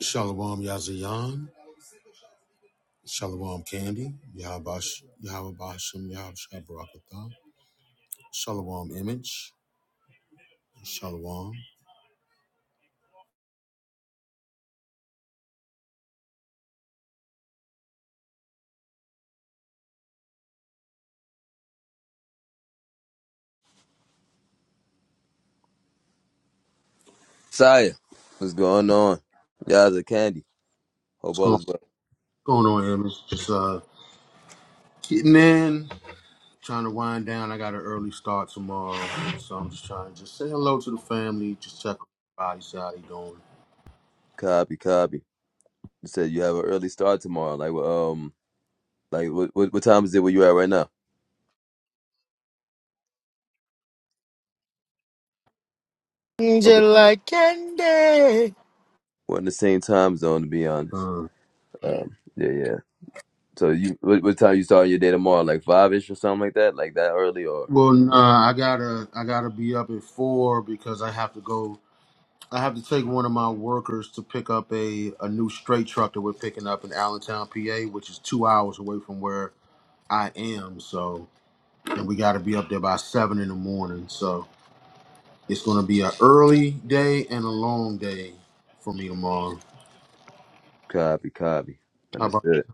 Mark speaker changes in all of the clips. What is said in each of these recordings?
Speaker 1: Shalom Yazayan, Shalom Candy, Yahabash, Yahabashim, Yahabashah Barakatah, Shalom Image, Shalom.
Speaker 2: Saya, what's going on? Y'all the candy. Hope
Speaker 1: What's
Speaker 2: all
Speaker 1: going,
Speaker 2: is well.
Speaker 1: going on, Image? Just uh, getting in, trying to wind down. I got an early start tomorrow, so I'm just trying to just say hello to the family, just check on everybody, see how they doing.
Speaker 2: Copy, copy. You said you have an early start tomorrow. Like, well, um, like what, what what time is it where you at right now? Okay,
Speaker 3: Angel like candy.
Speaker 2: we're in the same time zone to be honest.
Speaker 1: Uh,
Speaker 2: Um, yeah, yeah. So you, what, what time you starting your day tomorrow? Like five ish or something like that? Like that early or?
Speaker 1: well,
Speaker 2: A little,
Speaker 1: nah, I gotta, I gotta be up at four because I have to go I have to take one of my workers to pick up a, a new straight truck that we're picking up in Allentown, PA, which is two hours away from where I am. So, and we got to be up there by seven in the morning. So, it's going to be an early day and a long day for me tomorrow.
Speaker 2: copy, copy.
Speaker 1: How about?
Speaker 2: Understood.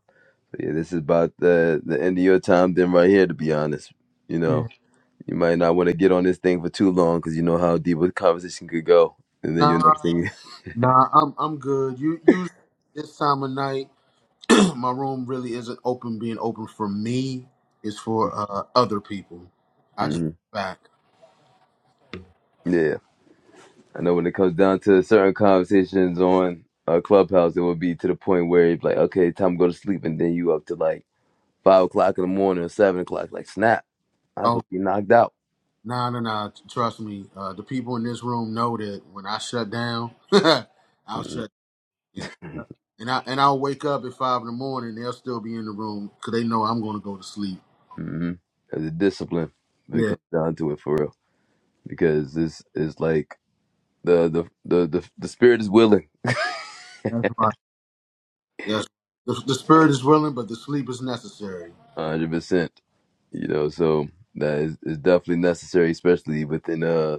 Speaker 2: So yeah, this is about the the end of your time then right here. To be honest, you know,
Speaker 1: Yeah.
Speaker 2: you might not want to get on this thing for too long because you know how deep a conversation could go. And then your next
Speaker 1: Nah,
Speaker 2: thing
Speaker 1: nah, I'm I'm good. You usually this time of night, my room really isn't open. Being open for me is for uh, other people. I just
Speaker 2: hmm
Speaker 1: back.
Speaker 2: Yeah, I know when it comes down to certain conversations on a clubhouse, it would be to the point where it's like, okay, time to go to sleep, and then you up to like five o'clock in the morning or seven o'clock. Like, snap, I'm
Speaker 1: Oh,
Speaker 2: supposed to be knocked out.
Speaker 1: Nah, nah, nah. t- Trust me. Uh, the people in this room know that when I shut down, I'll shut and uh, and I and I'll wake up at five in the morning. They'll still be in the room because they know I'm going to go to sleep.
Speaker 2: Mm-hmm. As a discipline, when it
Speaker 1: Yeah,
Speaker 2: comes down to it for real, because this is like the the the the, the spirit is willing,
Speaker 1: that's right. Yes, the, the spirit is willing, but the sleep is necessary.
Speaker 2: hundred percent. You know, so that is, is definitely necessary, especially within uh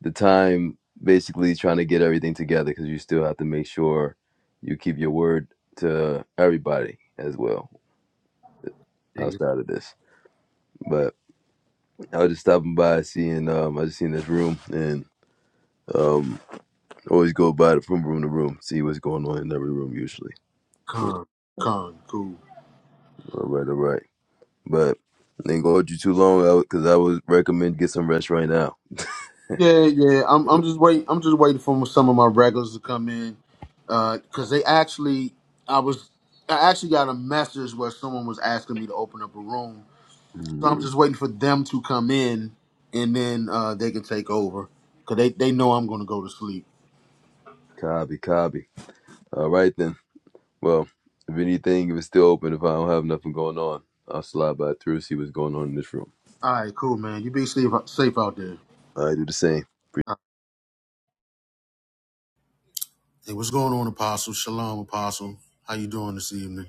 Speaker 2: the time basically trying to get everything together because you still have to make sure you keep your word to everybody as well
Speaker 1: Ex-
Speaker 2: outside of this. But I was just stopping by, seeing um, I just seen this room and um, always go by the from room to room, see what's going on in every room usually.
Speaker 1: Con, con, cool.
Speaker 2: All right, all right. But I ain't gonna hold you too long because I would recommend get some rest right now.
Speaker 1: Yeah, yeah. I'm I'm just wait. I'm just waiting for some of my regulars to come in, because they actually I was I actually got a message where someone was asking me to open up a room So
Speaker 2: Mm,
Speaker 1: I'm just waiting for them to come in, and then uh, they can take over, cause they, they know I'm gonna go to sleep.
Speaker 2: Copy, copy. All right then. Well, if anything, if it's still open, if I don't have nothing going on, I'll slide by through, see what's going on in this room.
Speaker 1: All right, cool, man. You be safe safe out there.
Speaker 2: I do the same.
Speaker 1: All right. Hey, what's going on, Apostle? Shalom, Apostle. How you doing this evening?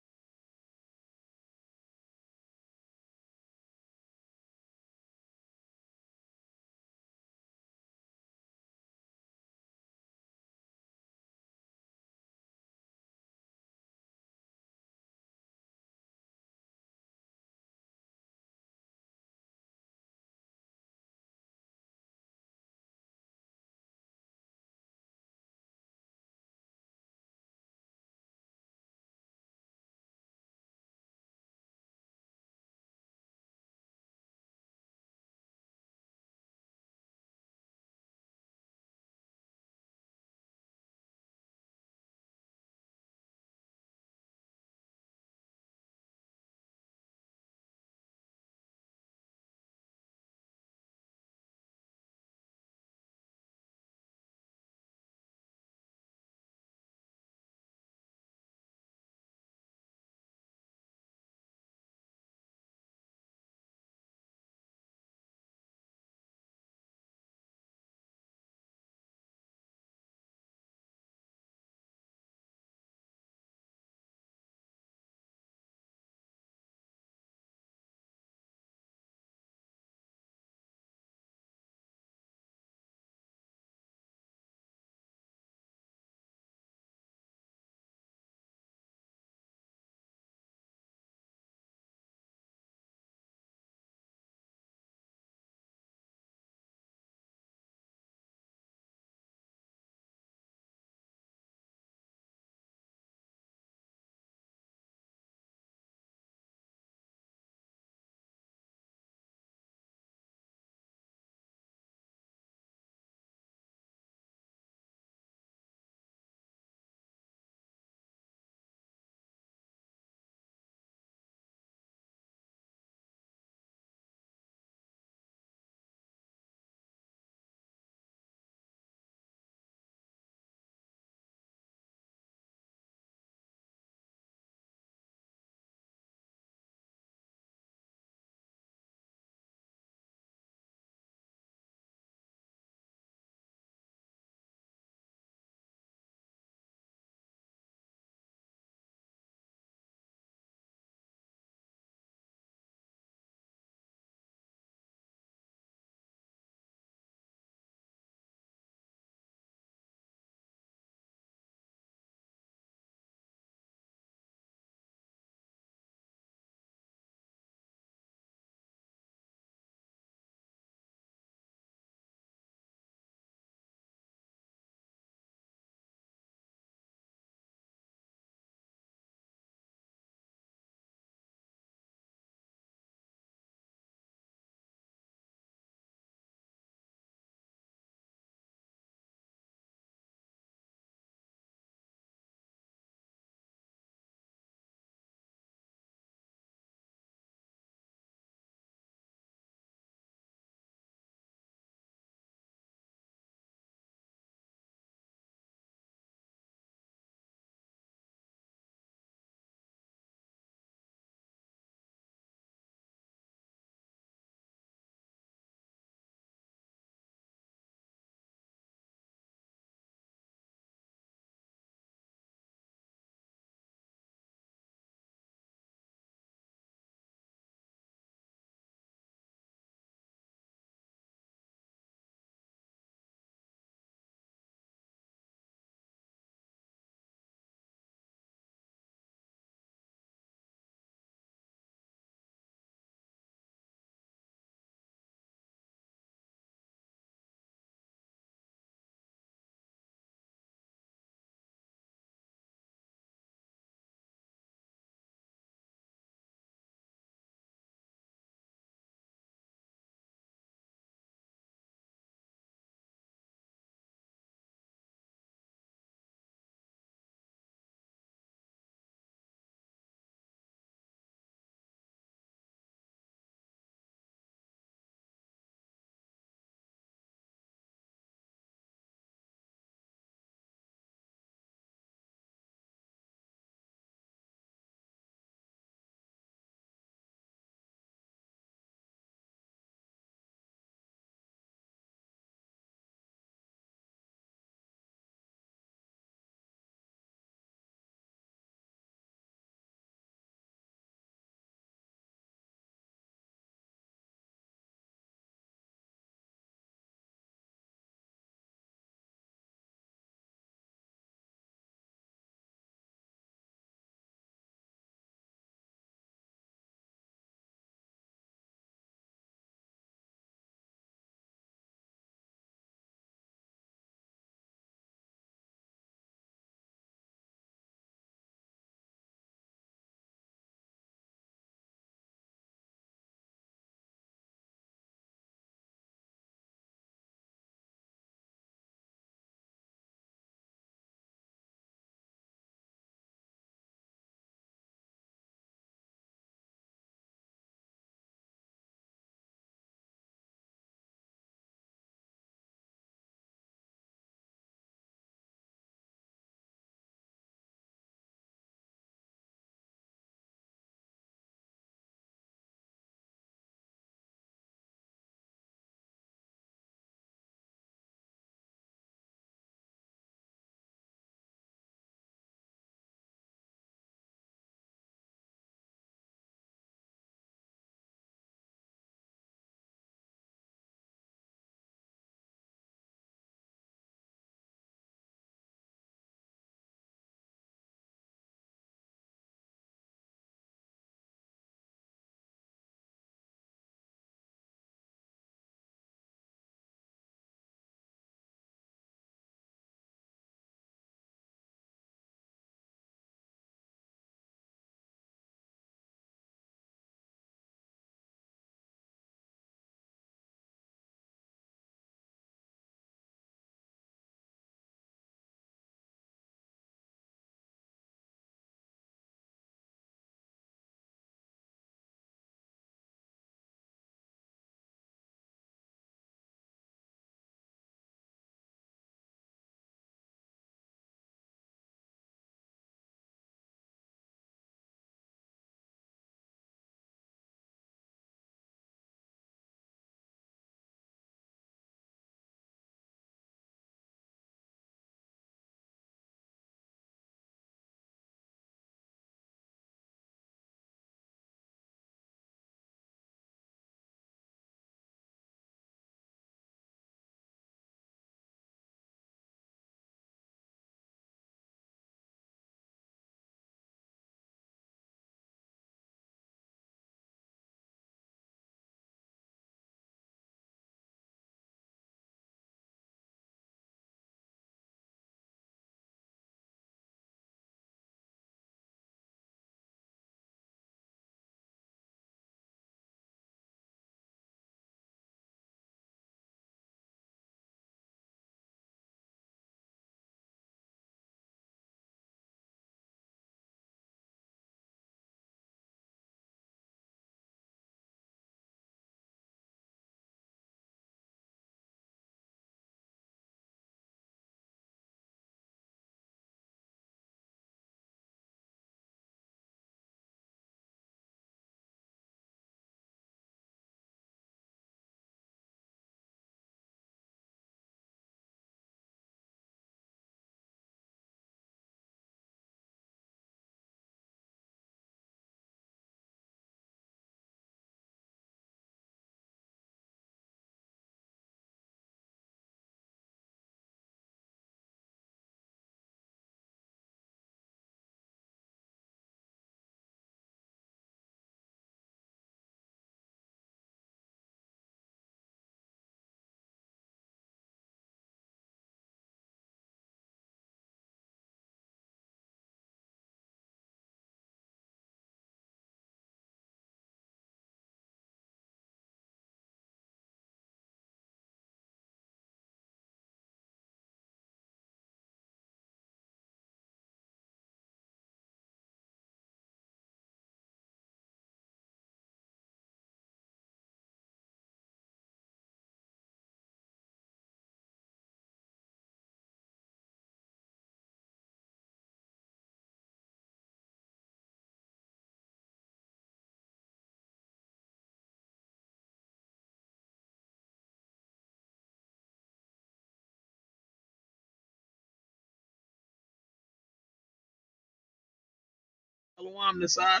Speaker 4: Hello, I'm Nasad,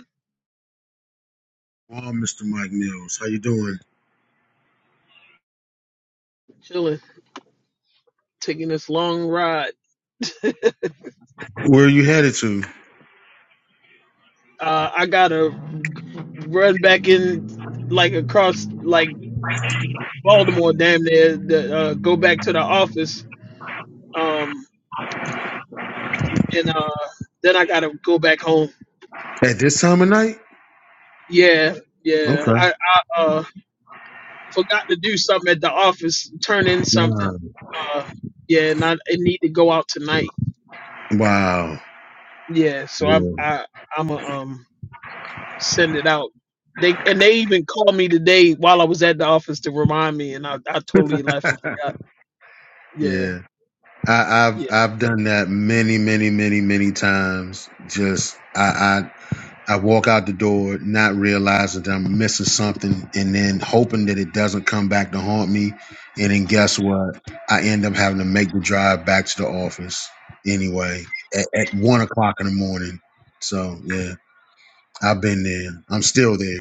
Speaker 5: Well, Mr. Mike Mills, how you doing?
Speaker 4: chilling, taking this long ride.
Speaker 5: Where are you headed to
Speaker 4: Uh, I gotta run back in, like across, like Baltimore, damn near, the, uh, go back to the office, um, and uh, then I gotta go back home.
Speaker 5: at this time of night?
Speaker 4: Yeah, yeah.
Speaker 5: Okay.
Speaker 4: I, I uh, forgot to do something at the office, turn in something.
Speaker 5: Wow.
Speaker 4: Uh, yeah, and I, I need to go out tonight.
Speaker 5: Wow.
Speaker 4: Yeah, so
Speaker 5: Yeah.
Speaker 4: I'm, I, I'm a, um, send it out. They and they even called me today while I was at the office to remind me, and I, I totally left and forgot. Yeah,
Speaker 5: Yeah. I, I've
Speaker 4: yeah.
Speaker 5: I've done that many, many, many, many times. Just I, I I walk out the door not realizing that I'm missing something and then hoping that it doesn't come back to haunt me. And then guess what? I end up having to make the drive back to the office anyway at, at one o'clock in the morning. So yeah. I've been there. I'm still there.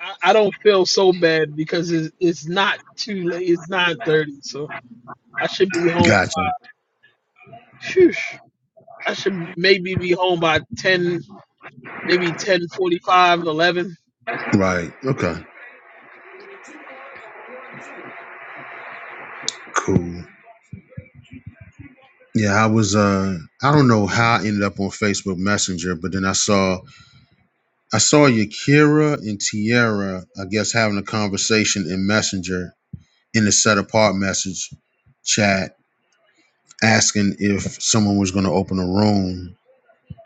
Speaker 4: I, I don't feel so bad because it's, it's not too late. It's nine thirty, so I should be home.
Speaker 5: Gotcha.
Speaker 4: Phew. I should maybe be home by ten, maybe ten forty five, eleven.
Speaker 5: Right. Okay. Cool. Yeah, I was uh I don't know how I ended up on Facebook Messenger, but then I saw I saw Yakira and Tierra, I guess, having a conversation in Messenger in the set apart message chat, asking if someone was gonna open a room.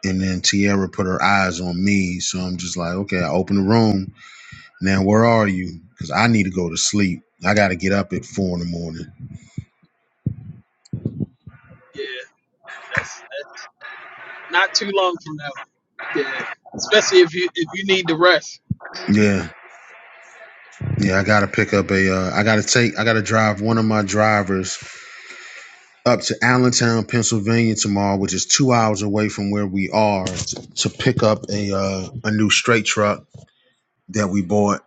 Speaker 5: And then Tierra put her eyes on me. So I'm just like, okay, I open the room. Now where are you? Because I need to go to sleep. I gotta get up at four in the morning.
Speaker 4: Yeah, that's that's not too long from now. Yeah, especially if you if you need to rest.
Speaker 5: Yeah. Yeah, I gotta pick up a. Uh, I gotta take. I gotta drive one of my drivers up to Allentown, Pennsylvania tomorrow, which is two hours away from where we are, to, to pick up a uh, a new straight truck that we bought.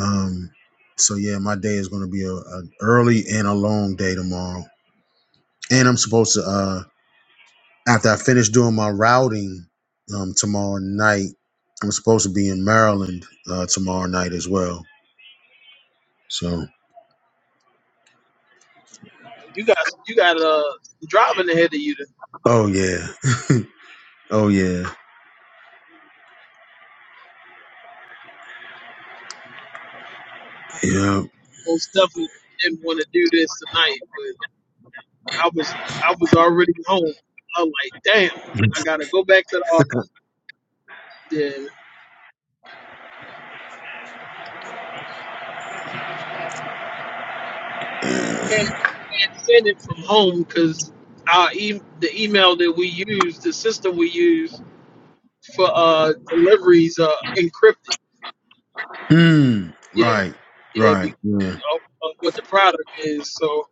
Speaker 5: Um, so yeah, my day is gonna be a, a early and a long day tomorrow. And I'm supposed to uh, after I finish doing my routing um, tomorrow night, I'm supposed to be in Maryland uh, tomorrow night as well. So
Speaker 4: You got you got uh driving ahead of you.
Speaker 5: oh yeah, oh yeah. Yeah.
Speaker 4: most definitely didn't want to do this tonight, but I was I was already home. I'm like, damn, I gotta go back to the office. Then I can't can't send it from home because our e- the email that we use, the system we use for uh, deliveries are encrypted.
Speaker 5: Mm,
Speaker 4: Yeah,
Speaker 5: right,
Speaker 4: yeah,
Speaker 5: right.
Speaker 4: be,
Speaker 5: Yeah.
Speaker 4: of, of what the product is. So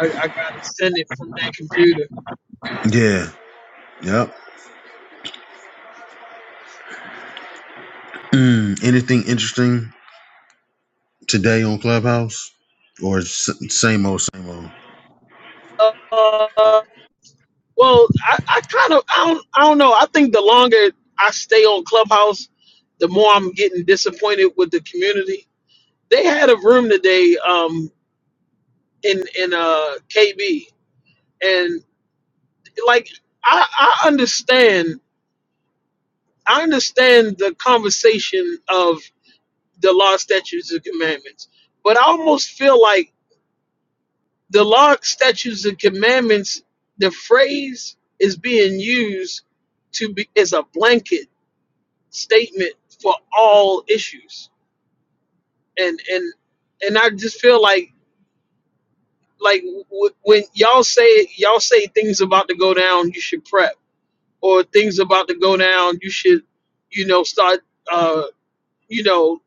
Speaker 4: I, I gotta send it from that computer.
Speaker 5: Yeah. Yep. Mm, anything interesting today on Clubhouse? Or s- same old, same old? I
Speaker 4: Uh, Well, I, I kind of I don't I don't know. I think the longer I stay on Clubhouse, the more I'm getting disappointed with the community. They had a room today um in in uh KB and like I I understand I understand the conversation of the law statutes and commandments, but I almost feel like the law statutes and commandments the phrase is being used to be as a blanket statement for all issues. And and and I just feel like like w- when y'all say y'all say things about to go down, you should prep, or things about to go down, you should you know start uh you know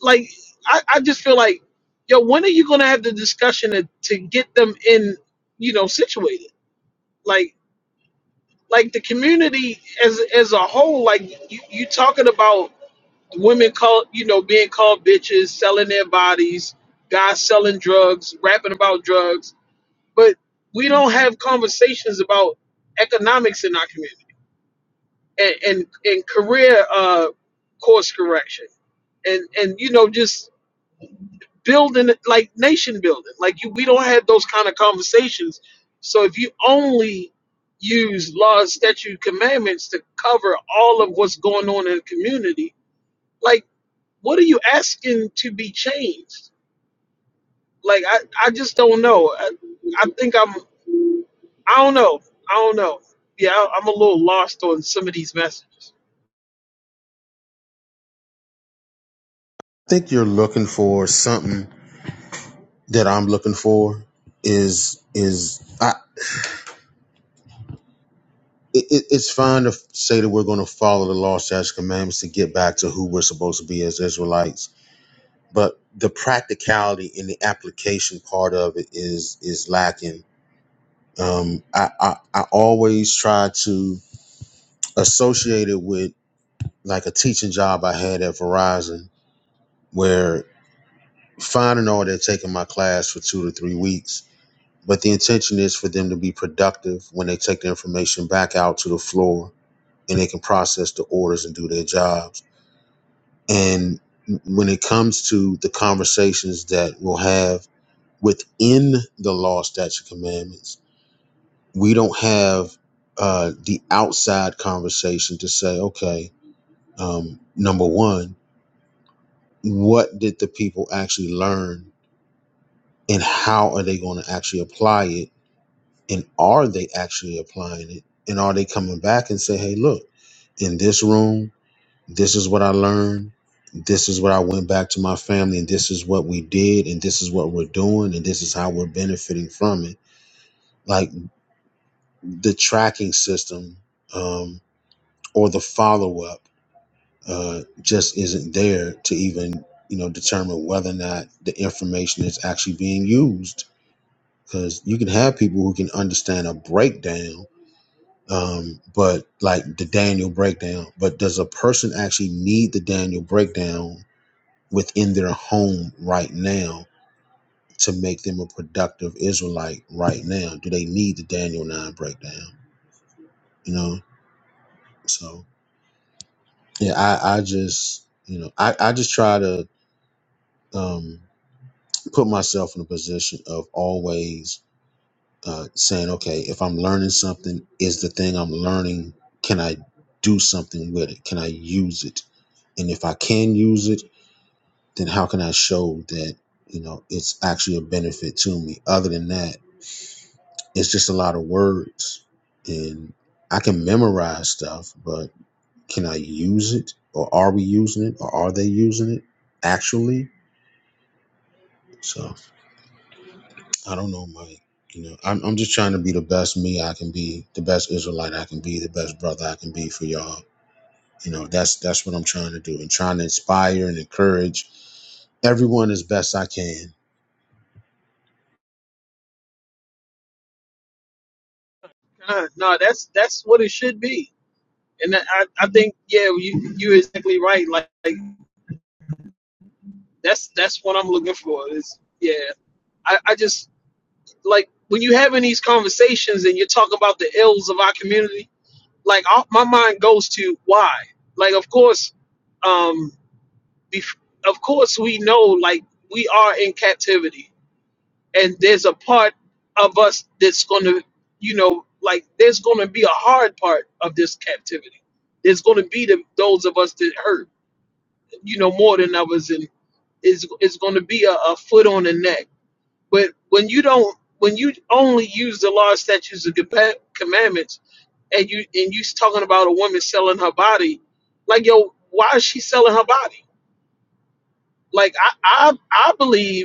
Speaker 4: like I, I just feel like yo when are you gonna have the discussion to, to get them in you know situated like like the community as as a whole like you, you talking about women call you know being called bitches, selling their bodies, guys selling drugs, rapping about drugs, but we don't have conversations about economics in our community and and, and career uh, course correction and and you know just building like nation building like you we don't have those kind of conversations. So if you only use laws, statute, commandments to cover all of what's going on in the community, like. what are you asking to be changed? Like I, I just don't know. I, I think I'm. I don't know. I don't know. Yeah, I, I'm a little lost on some of these messages.
Speaker 5: think you're looking for something that I'm looking for is, is, I, it, it- it's fine to f- say that we're going to follow the law, statutes, commandments to get back to who we're supposed to be as Israelites, but the practicality and the application part of it is is lacking. Um, I, I I always try to associated with like a teaching job I had at Verizon where finding all they're taking my class for two to three weeks. But the intention is for them to be productive when they take the information back out to the floor and they can process the orders and do their jobs. And when it comes to the conversations that we'll have within the law, statute, commandments, we don't have uh, the outside conversation to say, okay, um, number one, what did the people actually learn and how are they going to actually apply it and are they actually applying it and are they coming back and say hey look in this room this is what i learned this is what i went back to my family and this is what we did and this is what we're doing and this is how we're benefiting from it like the tracking system um, or the follow-up uh, just isn't there to even you know determine whether or not the information is actually being used because you can have people who can understand a breakdown um but like the daniel breakdown but does a person actually need the daniel breakdown within their home right now to make them a productive israelite right now do they need the daniel 9 breakdown you know so yeah i i just you know i i just try to um put myself in a position of always uh, saying, okay, if I'm learning something, is the thing I'm learning, can I do something with it? Can I use it? And if I can use it, then how can I show that, you know, it's actually a benefit to me? Other than that, it's just a lot of words. And I can memorize stuff, but can I use it? Or are we using it? Or are they using it actually? So. I don't know, Mike. You know, I'm I'm just trying to be the best me I can be, the best Israelite I can be, the best brother I can be for y'all. You know, that's that's what I'm trying to do, and trying to inspire and encourage everyone as best I can.
Speaker 4: Uh, no, that's that's what it should be, and that- I, I think yeah, you you're exactly right. Like, like that's that's what I'm looking for. Is yeah, I, I just like when you're having these conversations and you're talking about the ills of our community. Like I, my mind goes to why. Like of course. Um, bef- of course we know like we are in captivity and there's a part of us that's going to you know like there's going to be a hard part of this captivity there's going to be the, those of us that hurt you know more than others and it's, it's going to be a, a foot on the neck but when you don't when you only use the law statutes and compa- commandments and you and you talking about a woman selling her body like yo why is she selling her body like i i, I believe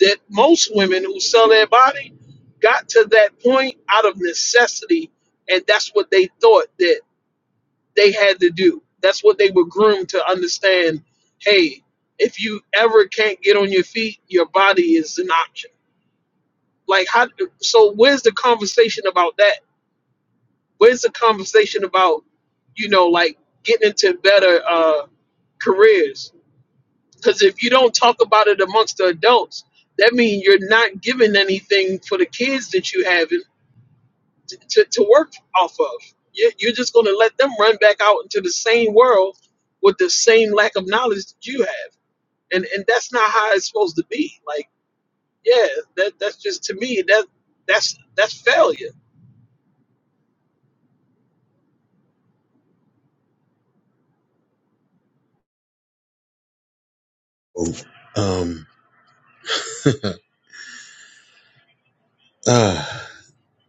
Speaker 4: that most women who sell their body got to that point out of necessity and that's what they thought that they had to do that's what they were groomed to understand hey if you ever can't get on your feet your body is an option like how so where's the conversation about that where's the conversation about you know like getting into better uh careers Because if you don't talk about it amongst the adults, that means you're not giving anything for the kids that you have in- to, to, to work off of. You- You're just going to let them run back out into the same world with the same lack of knowledge that you have, and and that's not how it's supposed to be. Like, yeah, that that's just to me that that's that's failure.
Speaker 5: Oh, Um, uh,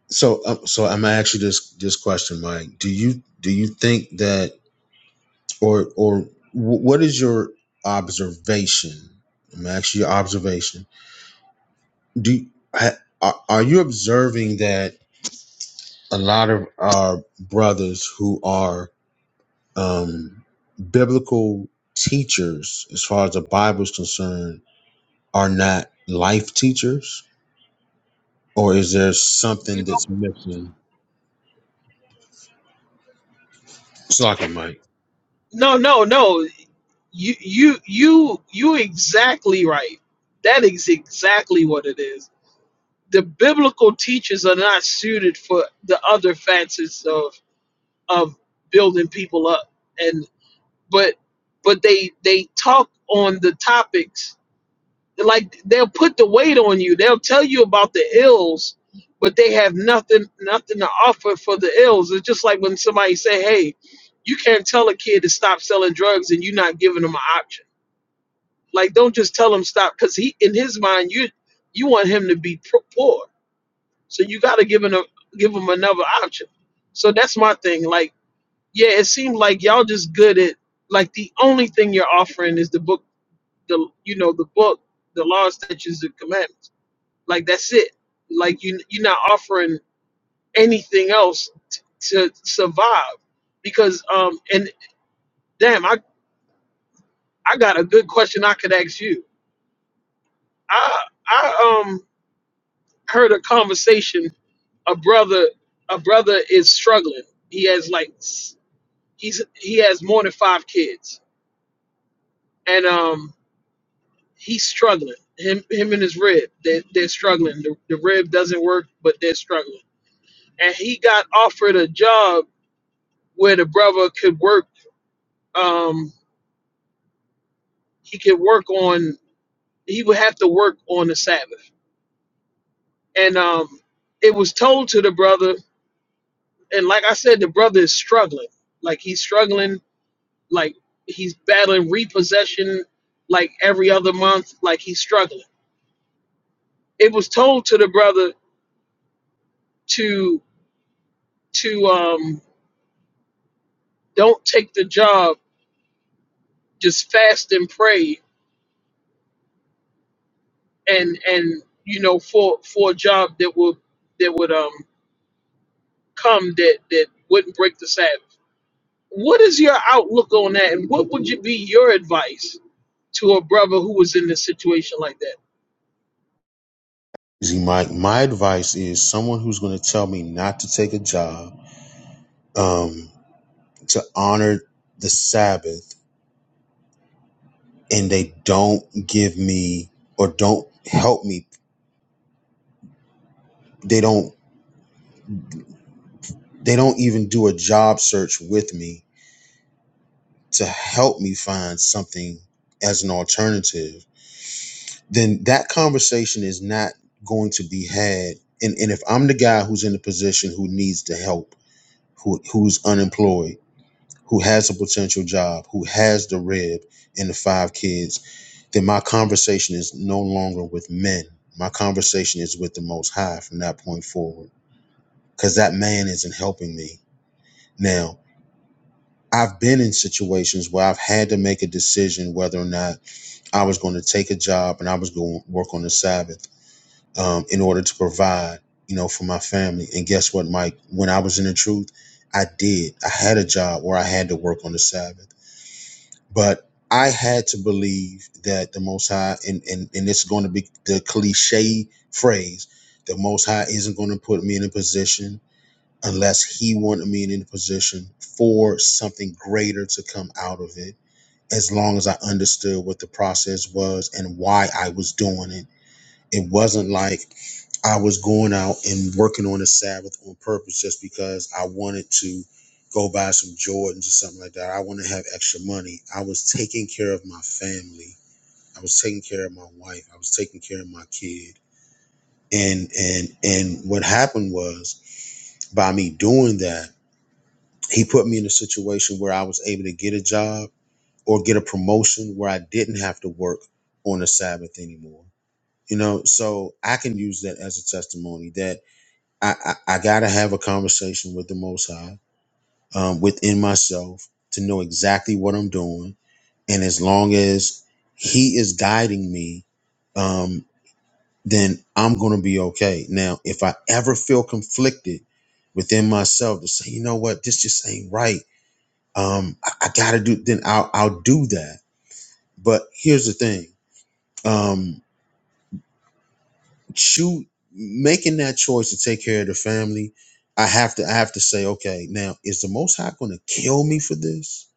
Speaker 5: so uh, so I'm gonna ask you this this question, Mike. Do you do you think that or or wh- what is your observation? I'm gonna ask you your observation. Do ha- are are you observing that a lot of our brothers who are um, biblical teachers, as far as the Bible is concerned, are not life teachers, or is there
Speaker 4: You
Speaker 5: something
Speaker 4: know,
Speaker 5: that's missing? Slocking Mike.
Speaker 4: no, no, no. You you you you exactly right. That is exactly what it is the biblical teachers are not suited for the other facets of of building people up and but but they they talk on the topics like they'll put the weight on you they'll tell you about the ills but they have nothing nothing to offer for the ills it's just like when somebody say hey you can't tell a kid to stop selling drugs and you're not giving them an option like don't just tell him stop because he in his mind you you want him to be pro- poor so you got to give them give them another option. So that's my thing. Like, yeah, it seems like y'all just good at like the only thing you're offering is the book, the you know the book, the law, statutes, and commandments. Like that's it. Like you you're not offering anything else t- to survive because um and damn I I got a good question I could ask you. I I um heard a conversation a brother a brother is struggling. He has like he's he has more than five kids, and um, he's struggling. Him him and his rib, they they're struggling. The, the rib doesn't work, but they're struggling. And he got offered a job where the brother could work. Um, he could work on. He would have to work on the Sabbath, and um, it was told to the brother. And like I said, the brother is struggling. Like he's struggling. Like he's battling repossession. Like every other month. Like he's struggling it was told to the brother to to um don't take the job just fast and pray and and you know for for a job that would that would um come that that wouldn't break the sabbath what is your outlook on that and what would you be your advice to a brother who was in this situation like that
Speaker 5: See, Mike, my advice is someone who's going to tell me not to take a job, um, to honor the Sabbath and they don't give me or don't help me they don't they don't even do a job search with me to help me find something as an alternative then that conversation is not going to be had and, and if i'm the guy who's in the position who needs the help who who's unemployed who has a potential job who has the rib and the five kids then my conversation is no longer with men my conversation is with the most high from that point forward because that man isn't helping me. Now, I've been in situations where I've had to make a decision whether or not I was going to take a job and I was going to work on the Sabbath um, in order to provide, you know, for my family. And guess what, Mike? When I was in the truth, I did. I had a job where I had to work on the Sabbath, but I had to believe that the Most High, and and and it's going to be the cliche phrase, the Most High isn't going to put me in a position unless he wanted me in a position for something greater to come out of it. As long as I understood what the process was and why I was doing it, it wasn't like I was going out and working on the Sabbath on purpose just because I wanted to go buy some Jordans or something like that. I want to have extra money. I was taking care of my family. I was taking care of my wife. I was taking care of my kid. And and and what happened was by me doing that He put me in a situation where I was able to get a job or get a promotion where I didn't have to work on the Sabbath anymore. You know, so I can use that as a testimony that I, I, I got to have a conversation with the Most High um, within myself to know exactly what I'm doing. And as long as He is guiding me, um, then I'm going to be okay. Now, if I ever feel conflicted within myself to say, you know what, this just ain't right um i, I gotta do then i'll i'll do that but here's the thing um shoot making that choice to take care of the family i have to i have to say okay now is the most high gonna kill me for this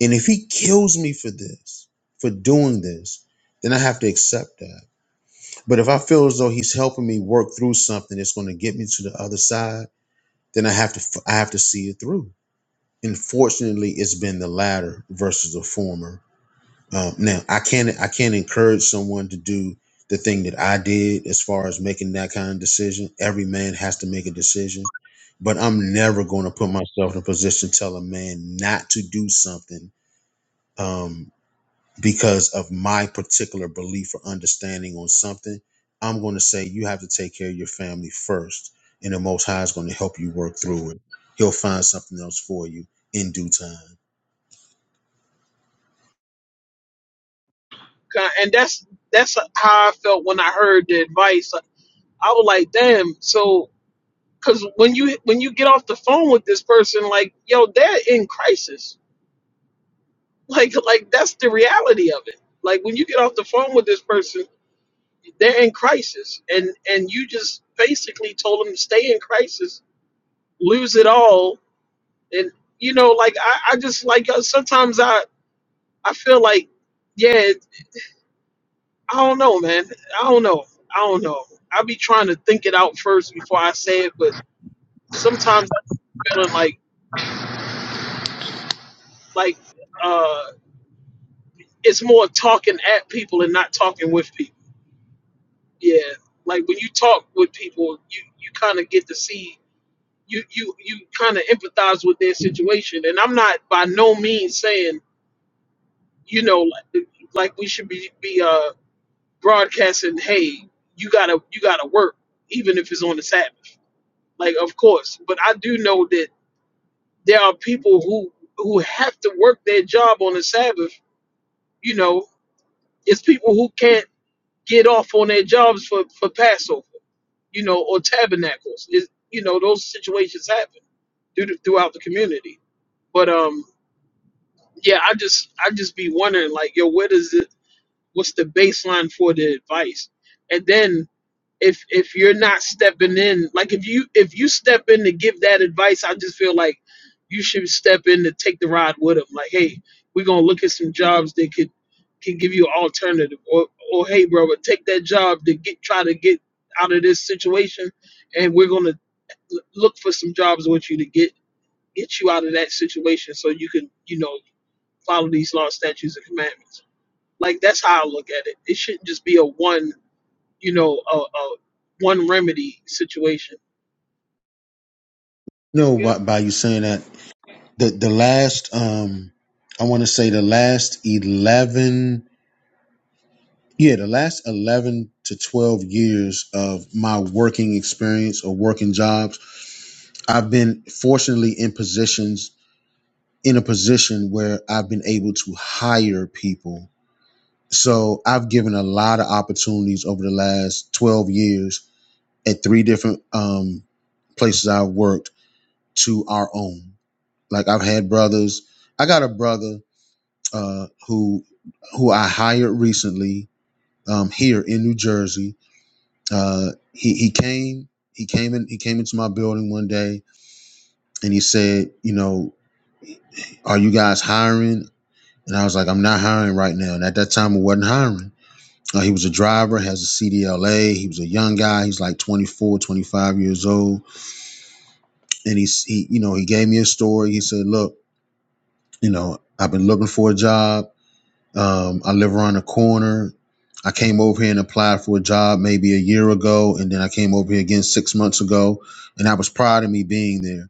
Speaker 5: and if he kills me for this for doing this then i have to accept that but if i feel as though he's helping me work through something that's gonna get me to the other side then i have to f- i have to see it through and fortunately it's been the latter versus the former Um, now I can't I can't encourage someone to do the thing that I did as far as making that kind of decision. Every man has to make a decision, but I'm never going to put myself in a position to tell a man not to do something um, because of my particular belief or understanding on something. I'm going to say you have to take care of your family first, and the Most High is going to help you work through it. He'll find something else for you in due time.
Speaker 4: Ki- and that's that's how i felt when i heard the advice i was like damn so because when you when you get off the phone with this person like yo they're in crisis Like like that's the reality of it. Like when you get off the phone with this person, they're in crisis, and and you just basically told them to stay in crisis, lose it all, and you know like I I just like uh, sometimes I I feel like yeah I don't know man I don't know I don't know I be trying to think it out first before I say it, but sometimes I'm feeling like like uh it's more talking at people and not talking with people yeah like when you talk with people you you kind of get to see you you you kind of empathize with their situation and i'm not by no means saying you know like, like we should be be uh broadcasting hey you gotta you gotta work even if it's on the sabbath like of course but i do know that there are people who who have to work their job on the sabbath you know it's people who can't get off on their jobs for for passover you know, or tabernacles. It, you know, those situations happen through, the, throughout the community. But um, yeah, I just I just be wondering like, yo, what is it? What's the baseline for the advice? And then if if you're not stepping in, like if you if you step in to give that advice, I just feel like you should step in to take the ride with them. Like, hey, we're gonna look at some jobs that could can give you an alternative, or or hey, bro, but take that job to get try to get out of this situation, and we're gonna look for some jobs with you to get get you out of that situation so you can you know follow these laws statutes and commandments like that's how i look at it it shouldn't just be a one you know a, a one remedy situation
Speaker 5: No,
Speaker 4: yeah
Speaker 5: by, by you saying that the the last um I want to say the last 11 yeah, the last 11 to 12 years of my working experience or working jobs, I've been fortunately in positions in a position where I've been able to hire people. So, I've given a lot of opportunities over the last 12 years at three different um places I've worked to our own. Like I've had brothers, I got a brother uh, who who I hired recently um, here in New Jersey. Uh, he he came he came in he came into my building one day and he said, you know, are you guys hiring? And I was like, I'm not hiring right now. And at that time, I wasn't hiring. Uh, he was a driver, has a CDLA. He was a young guy. He's like 24, 25 years old. And he's, he, you know, he gave me a story. He said, look, you know, I've been looking for a job. Um, I live around the corner. I came over here and applied for a job maybe a year ago, and then I came over here again six months ago, and I was proud of me being there.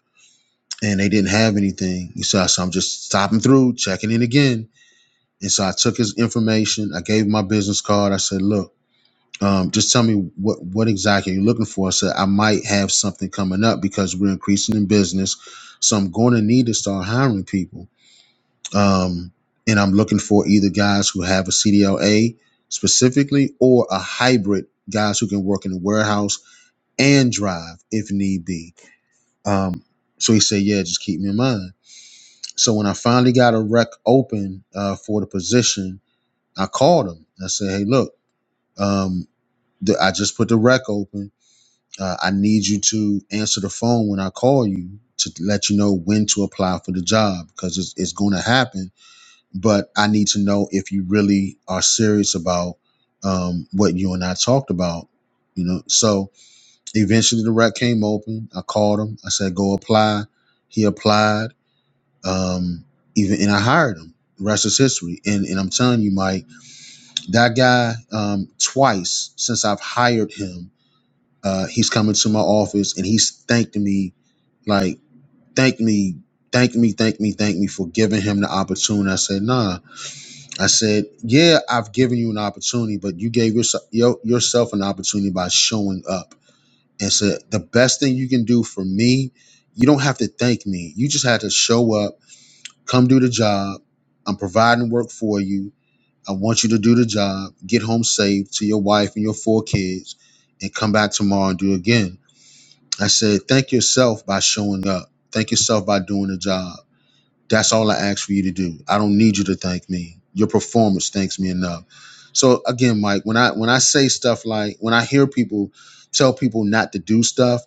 Speaker 5: And they didn't have anything. So, I- so I'm just stopping through, checking in again. And so I took his information. I gave him my business card. I said, look, um, just tell me what what exactly you're looking for. I said I might have something coming up because we're increasing in business, so I'm going to need to start hiring people. Um, and I'm looking for either guys who have a CDLA specifically or a hybrid, guys who can work in the warehouse and drive if need be. Um, so he said, Yeah, just keep me in mind. So when I finally got a rec open uh, for the position, I called him. I said, Hey, look, um, the, I just put the rec open. Uh, I need you to answer the phone when I call you to let you know when to apply for the job because it's, it's going to happen but I need to know if you really are serious about um, what you and I talked about. You know, so eventually the rec came open. I called him. I said, "Go apply." He applied, um, even and I hired him. The rest is history. And and I'm telling you, Mike, that guy um, twice since I've hired him, uh, he's come into my office and he's thanked me like thank me, thank me, thank me, thank me for giving him the opportunity. I said, "Nah." I said, "Yeah, I've given you an opportunity, but you gave yourself your, yourself an opportunity by showing up." And said, "The best thing you can do for me, you don't have to thank me. You just had to show up, come do the job. I'm providing work for you. I want you to do the job, get home safe to your wife and your four kids, and come back tomorrow and do it again." I said, "Thank yourself by showing up. Thank yourself by doing the job." That's all I ask for you to do. I don't need you to thank me. Your performance thanks me enough. So again, Mike, when I when I say stuff like when I hear people tell people not to do stuff,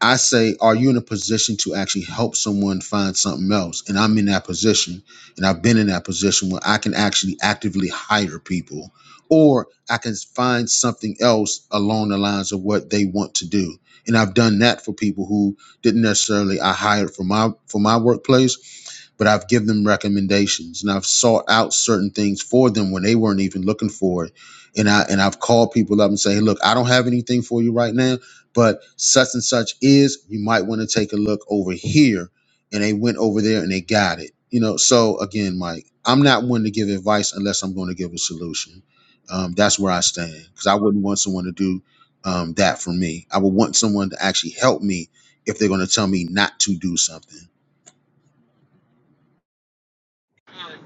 Speaker 5: I say, are you in a position to actually help someone find something else? And I'm in that position, and I've been in that position where I can actually actively hire people, or I can find something else along the lines of what they want to do. And I've done that for people who didn't necessarily I hired for my for my workplace but I've given them recommendations and I've sought out certain things for them when they weren't even looking for it. And I and I've called people up and say, hey, look, I don't have anything for you right now, but such and such is, you might want to take a look over here. And they went over there and they got it. You know, so again, Mike, I'm not one to give advice unless I'm going to give a solution. Um, that's where I stand because I wouldn't want someone to do um, that for me. I would want someone to actually help me if they're going to tell me not to do something.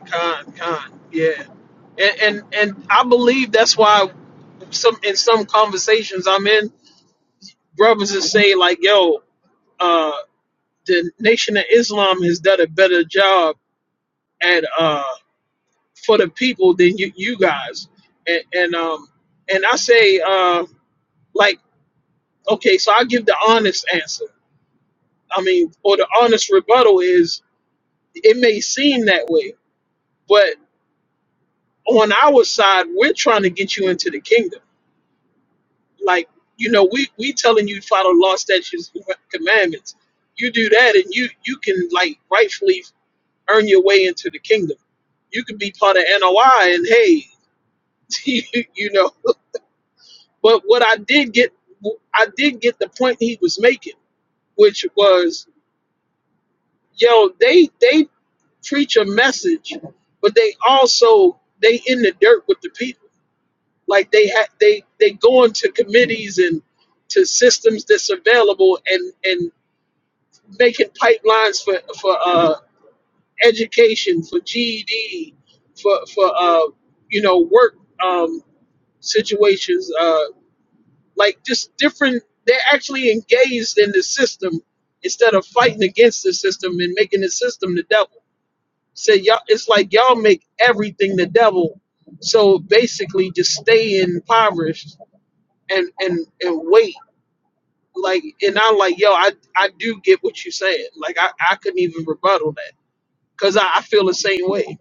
Speaker 4: con con yeah and, and and i believe that's why some in some conversations i'm in brothers that say like yo uh the nation of islam has done a better job at uh for the people than you, you guys. And, and um and I say uh like okay, so I give the honest answer. I mean, or the honest rebuttal is it may seem that way, but on our side, we're trying to get you into the kingdom. Like you know, we we telling you follow law, statutes, and commandments. You do that, and you you can like rightfully earn your way into the kingdom. You can be part of NOI, and hey, you know But what I did get, I did get the point he was making, which was, yo, they they preach a message, but they also they in the dirt with the people. Like they ha- they they go into committees and to systems that's available and and making pipelines for for uh, education, for GED, for for uh, you know work um, situations. uh, like just different they're actually engaged in the system instead of fighting against the system and making the system the devil so y'all it's like y'all make everything the devil so basically just stay impoverished and and and wait like and i'm like yo i i do get what you're saying like i i couldn't even rebuttal that because I, I feel the same way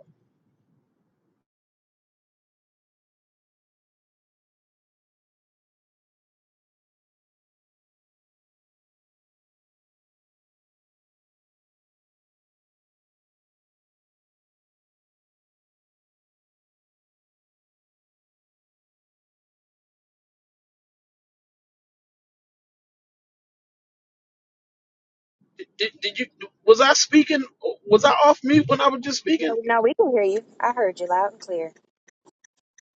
Speaker 4: did, did you was i speaking was i off mute when i was just
Speaker 6: Yeah,
Speaker 4: speaking
Speaker 6: no, we can hear you. I heard you loud and clear.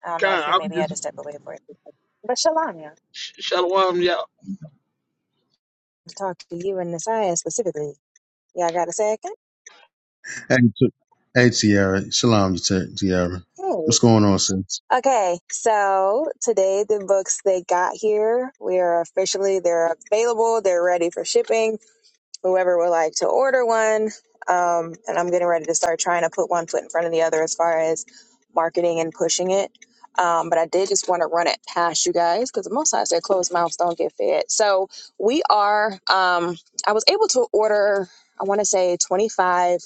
Speaker 6: I don't know if
Speaker 4: god
Speaker 6: you
Speaker 4: i'm
Speaker 6: maybe had
Speaker 4: just
Speaker 6: to step away for it. But Shalanya,
Speaker 4: sh- shalom y'all.
Speaker 6: to talk to you and Nasiah specifically. Y'all got a second?
Speaker 5: Hey, T- hey Tiara. Shalom, Ti- Tiara.
Speaker 6: Hey.
Speaker 5: What's going on, sis?
Speaker 6: Okay, so today the books they got here, we are officially, they're available, they're ready for shipping. whoever would like to order one. Um, and I'm getting ready to start trying to put one foot in front of the other as far as marketing and pushing it. Um, but I did just want to run it past you guys because most times their closed mouths don't get fed. So we are, um, I was able to order, I want to say 25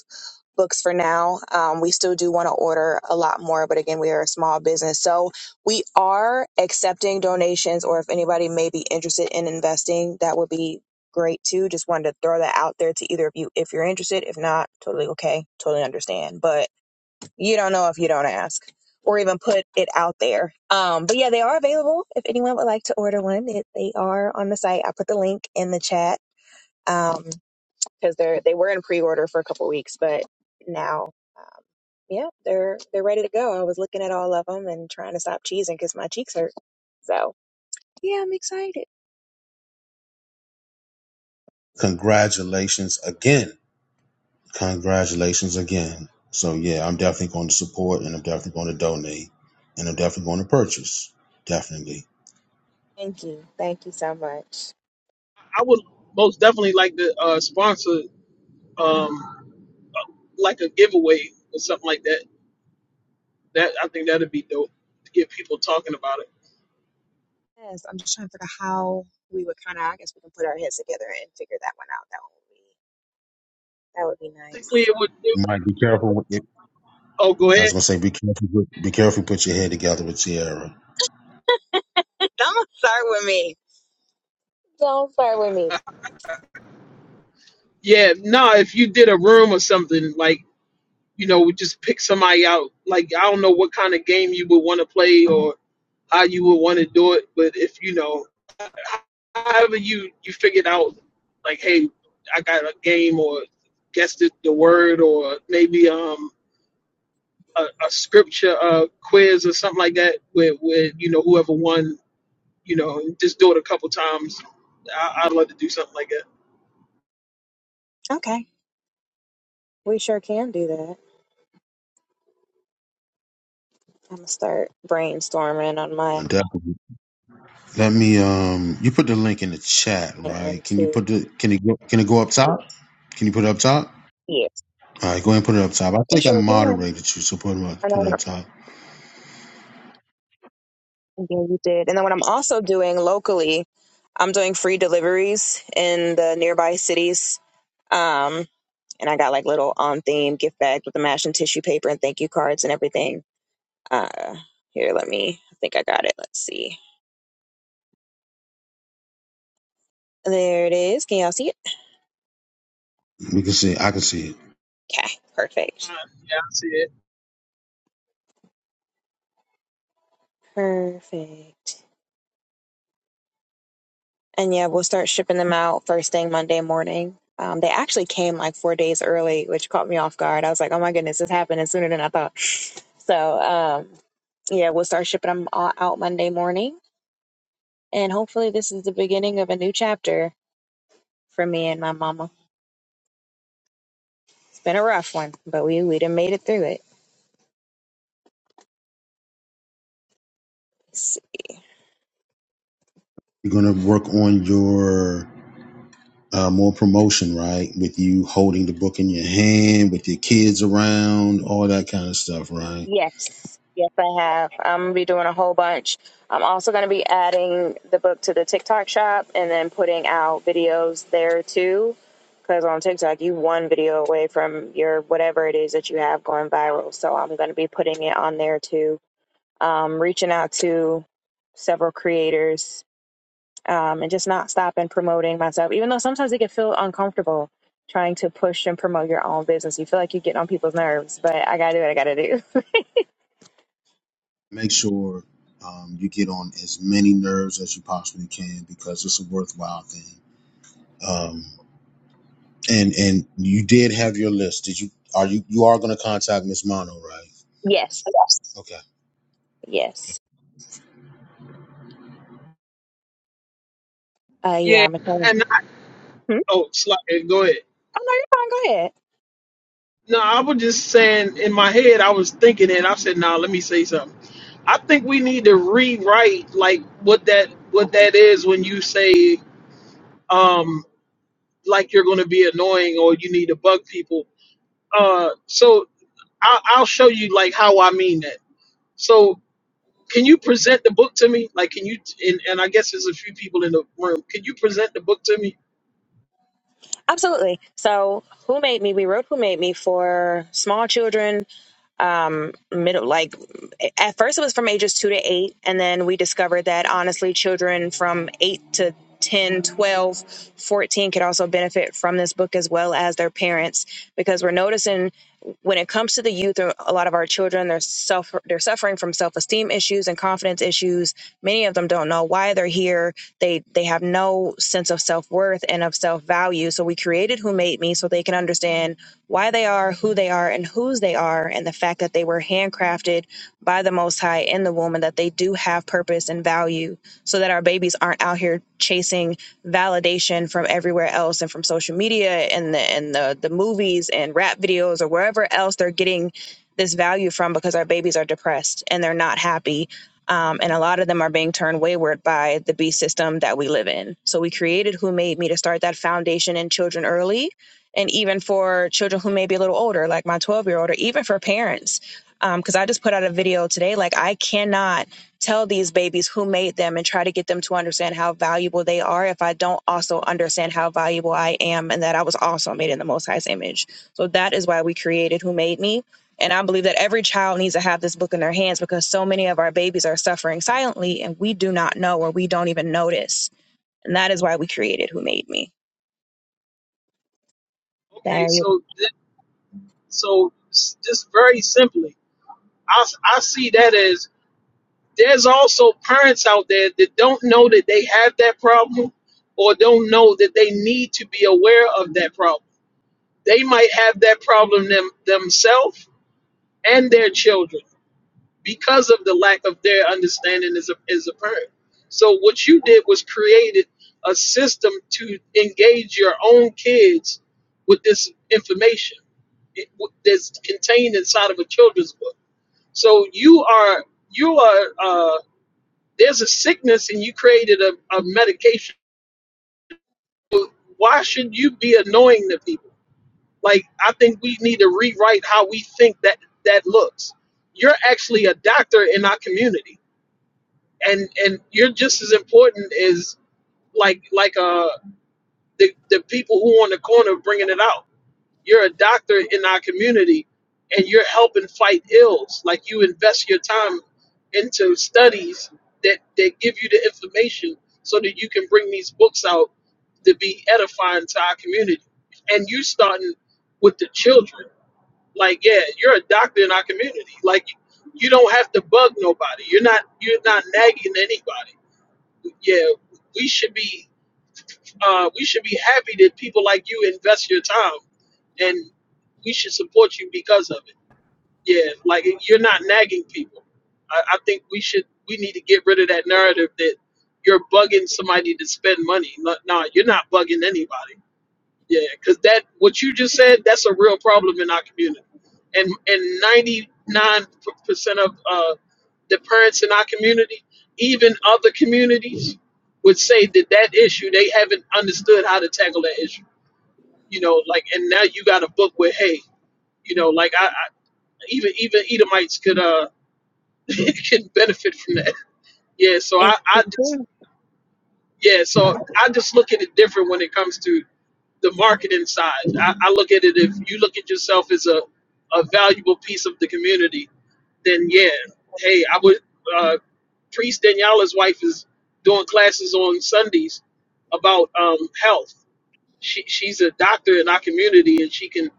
Speaker 6: books for now. Um, we still do want to order a lot more, but again, we are a small business. So we are accepting donations, or if anybody may be interested in investing, that would be great too. Just wanted to throw that out there to either of you if you're interested. If not, totally okay, totally understand. But you don't know if you don't ask or even put it out there. Um, but yeah, they are available if anyone would like to order one. It, they are on the site. I put the link in the chat. Um, because they're they were in pre-order for a couple weeks, but now, um, yeah, they're they're ready to go. I was looking at all of them and trying to stop cheesing because my cheeks hurt. So yeah, I'm excited.
Speaker 5: Congratulations again. Congratulations again. So, yeah, I'm definitely going to support and I'm definitely going to donate and I'm definitely going to purchase. Definitely.
Speaker 6: Thank you, thank you so much.
Speaker 4: I would most definitely like to uh, sponsor um, like a giveaway or something like that. That I think that'd be dope to get people talking about it.
Speaker 6: Yes, I'm just trying to figure out how we would kind of. I guess we can put our heads together and figure that one out. That one would be that would be
Speaker 4: Basically,
Speaker 6: nice.
Speaker 4: it would. It,
Speaker 5: Mike, be careful. With it.
Speaker 4: oh, go
Speaker 5: I
Speaker 4: ahead.
Speaker 5: was going to say, be careful, with, be careful, put your head together with Tiara.
Speaker 6: Don't start with me. Don't start with me.
Speaker 4: Yeah, no. If you did a room or something like you know, we just pick somebody out. Like I don't know what kind of game you would want to play or how you would want to do it, but if you know, however you you figured out, like hey, I got a game or guess the, the word or maybe um a, a scripture uh, quiz or something like that with, with you know whoever won you know just do it a couple times I, i'd love to do something like that
Speaker 6: Okay, we sure can do that. I'm gonna start brainstorming on my
Speaker 5: Definitely. Let me um you put the link in the chat, right?
Speaker 6: end
Speaker 5: Can you
Speaker 6: too.
Speaker 5: put the can it go can it go up top? Can you put it up top?
Speaker 6: Yes,
Speaker 5: All right, go ahead and put it up top. I
Speaker 6: it
Speaker 5: think I
Speaker 6: sure can.
Speaker 5: moderated you, so put it up,
Speaker 6: I
Speaker 5: put
Speaker 6: know.
Speaker 5: it up top.
Speaker 6: Yeah, you did. And then what I'm also doing locally, I'm doing free deliveries in the nearby cities. Um, and I got like little on theme gift bags with the mash and tissue paper and thank you cards and everything. Uh, here, let me. I think I got it. Let's see. There it is. Can y'all see it?
Speaker 5: We can see I can see it.
Speaker 6: Okay,
Speaker 4: uh,
Speaker 6: perfect.
Speaker 4: yeah i see it
Speaker 6: Perfect. And yeah, we'll start shipping them out first thing Monday morning. Um, they actually came like four days early, which caught me off guard. I was like, oh my goodness, this happened sooner than I thought. So um, yeah, we'll start shipping them all out Monday morning. And hopefully, this is the beginning of a new chapter for me and my mama. It's been a rough one, but we we done made it through it.
Speaker 5: You're gonna work on your uh, more promotion, right? With you holding the book in your hand, with your kids around, all that kind of stuff, right?
Speaker 6: Yes, yes, I have. I'm gonna be doing a whole bunch. I'm also gonna be adding the book to the TikTok shop and then putting out videos there too. Because on TikTok, you one video away from your whatever it is that you have going viral. So I'm gonna be putting it on there too. Um, reaching out to several creators um, and just not stopping promoting myself, even though sometimes it can feel uncomfortable trying to push and promote your own business. You feel like you're getting on people's nerves, but I gotta do what I gotta do.
Speaker 5: Make sure um, you get on as many nerves as you possibly can because it's a worthwhile thing. Um, and and you did have your list. Did you? Are you? You are going to contact Miss Mono, right?
Speaker 6: yes.
Speaker 5: Okay.
Speaker 6: Yes. Uh, yeah, I'm a
Speaker 4: Yeah. and I,
Speaker 6: hmm? Oh, no, you're
Speaker 4: oh slide, go ahead
Speaker 6: fine. Go ahead.
Speaker 4: no i was just saying in my head i was thinking it i said nah, let me say something i think we need to rewrite like what that what that is when you say um like you're going to be annoying or you need to bug people uh so I, i'll show you like how i mean that So. Can you present the book to me? Like, can you? And, and I guess there's a few people in the room. Can you present the book to me?
Speaker 6: Absolutely. So, Who Made Me? We wrote Who Made Me for small children um middle like at first it was from ages 2 to 8 and then we discovered that honestly children from 8 to 10, 12, 14 could also benefit from this book as well as their parents because we're noticing when it comes to the youth a a lot of our children they're suffer they're suffering from self-esteem issues and confidence issues many of them don't know why they're here they they have no sense of self-worth and of self-value so we created who made me so they can understand why they are who they are and whose they are and the fact that they were handcrafted by the most high in the womb and that they do have purpose and value so that our babies aren't out here chasing validation from everywhere else and from social media and the and the, the movies and rap videos or wherever else they're getting this value from because our babies are depressed and they're not happy um, and a lot of them are being turned wayward by the beast system that we live in. So we created Who Made Me to start that foundation in children early and even for children who may be a little older, like my 12 year old, or even for parents. Because um, I just put out a video today, like I cannot tell these babies who made them and try to get them to understand how valuable they are if I don't also understand how valuable I am and that I was also made in the Most High's image. So that is why we created Who Made Me. And I believe that every child needs to have this book in their hands because so many of our babies are suffering silently and we do not know or we don't even notice. And that is why we created Who Made Me. There
Speaker 4: Okay,
Speaker 6: you.
Speaker 4: so th- so s- just very simply, I s- I see that as there's also parents out there that don't know that they have that problem, or don't know that they need to be aware of that problem. They might have that problem them themselves and their children because of the lack of their understanding is, is apparent. So what you did was created a system to engage your own kids with this information it, that's contained inside of a children's book. So you are you are uh, there's a sickness and you created a, a medication. So Why should you be annoying the people? Like I think we need to rewrite how we think that that looks. You're actually a doctor in our community and and you're just as important as like like uh the the people who on the corner bringing it out. You're a doctor in our community, and you're helping fight ills. Like you invest your time into studies that that give you the information so that you can bring these books out to be edifying to our community. And you starting with the children. Like yeah, you're a doctor in our community. Like you don't have to bug nobody. You're not you're not nagging anybody yeah, we should be uh, we should be happy that people like you invest your time, and we should support you because of it. Yeah, like you're not nagging people. I, I think we should we need to get rid of that narrative that you're bugging somebody to spend money. No, no, you're not bugging anybody. Yeah, because that what you just said that's a real problem in our community, and and ninety nine percent of uh, the parents in our community, even other communities, would say that that issue they haven't understood how to tackle that issue. You know, like and now you got a book with hey, you know, like I, I even even Edomites could uh can benefit from that. Yeah, so I I just yeah, so I just look at it different when it comes to the marketing side. I, I look at it if you look at yourself as a, a valuable piece of the community, then yeah, hey, I would. Uh, Priest Daniela's wife is doing classes on Sundays about um, health. She, she's a doctor in our community, and she can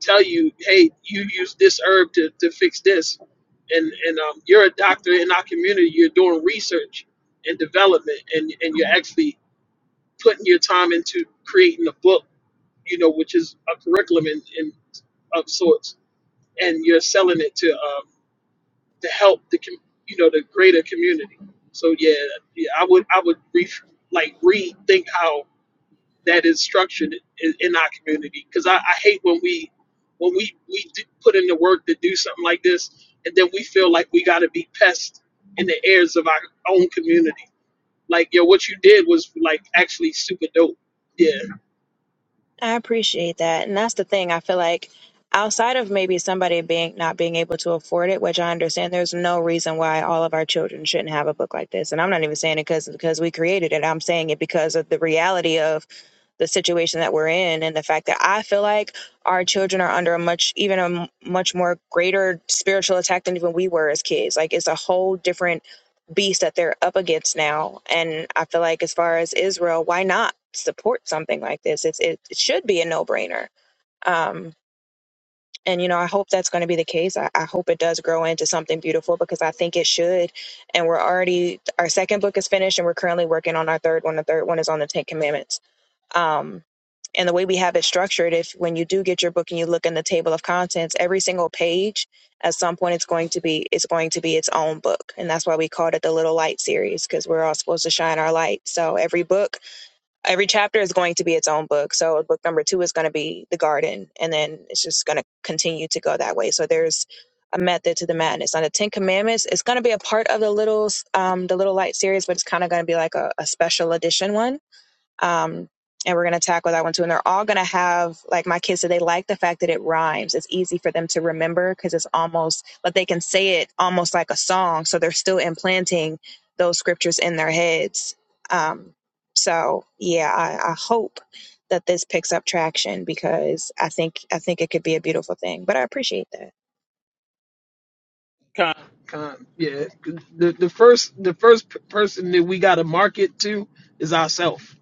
Speaker 4: tell you, hey, you use this herb to, to fix this. And, and um, you're a doctor in our community. You're doing research and development, and, and you're actually putting your time into creating a book you know, which is a curriculum in, in of sorts, and you're selling it to um, to help the com- you know the greater community. So yeah, yeah I would I would re- like rethink how that is structured in, in our community because I, I hate when we when we we do put in the work to do something like this, and then we feel like we got to be pests in the ears of our own community. Like yo, what you did was like actually super dope. Yeah.
Speaker 6: I appreciate that. And that's the thing. I feel like outside of maybe somebody being not being able to afford it, which I understand, there's no reason why all of our children shouldn't have a book like this. And I'm not even saying it because because we created it. I'm saying it because of the reality of the situation that we're in and the fact that I feel like our children are under a much even a much more greater spiritual attack than even we were as kids. Like it's a whole different beast that they're up against now. And I feel like as far as Israel, why not support something like this? It's it, it should be a no brainer. Um, and you know, I hope that's going to be the case. I, I hope it does grow into something beautiful because I think it should. And we're already our second book is finished, and we're currently working on our third one. The third one is on the Ten Commandments. Um, and the way we have it structured, if when you do get your book and you look in the table of contents, every single page at some point it's going to be it's going to be its own book, and that's why we called it the Little Light series because we're all supposed to shine our light. So every book, every chapter is going to be its own book. So book number two is going to be the garden, and then it's just going to continue to go that way. So there's a method to the madness. On the Ten Commandments, it's going to be a part of the little um, the Little Light series, but it's kind of going to be like a, a special edition one um, and we're going to tackle that one too. And they're all going to have like my kids. So they like the fact that it rhymes. It's easy for them to remember because it's almost but they can say it almost like a song. So they're still implanting those scriptures in their heads. Um, so yeah, I, I hope that this picks up traction because I think I think it could be a beautiful thing. But I appreciate that.
Speaker 4: Con, Con, yeah, the the first the first p- person that we got to market to is ourselves.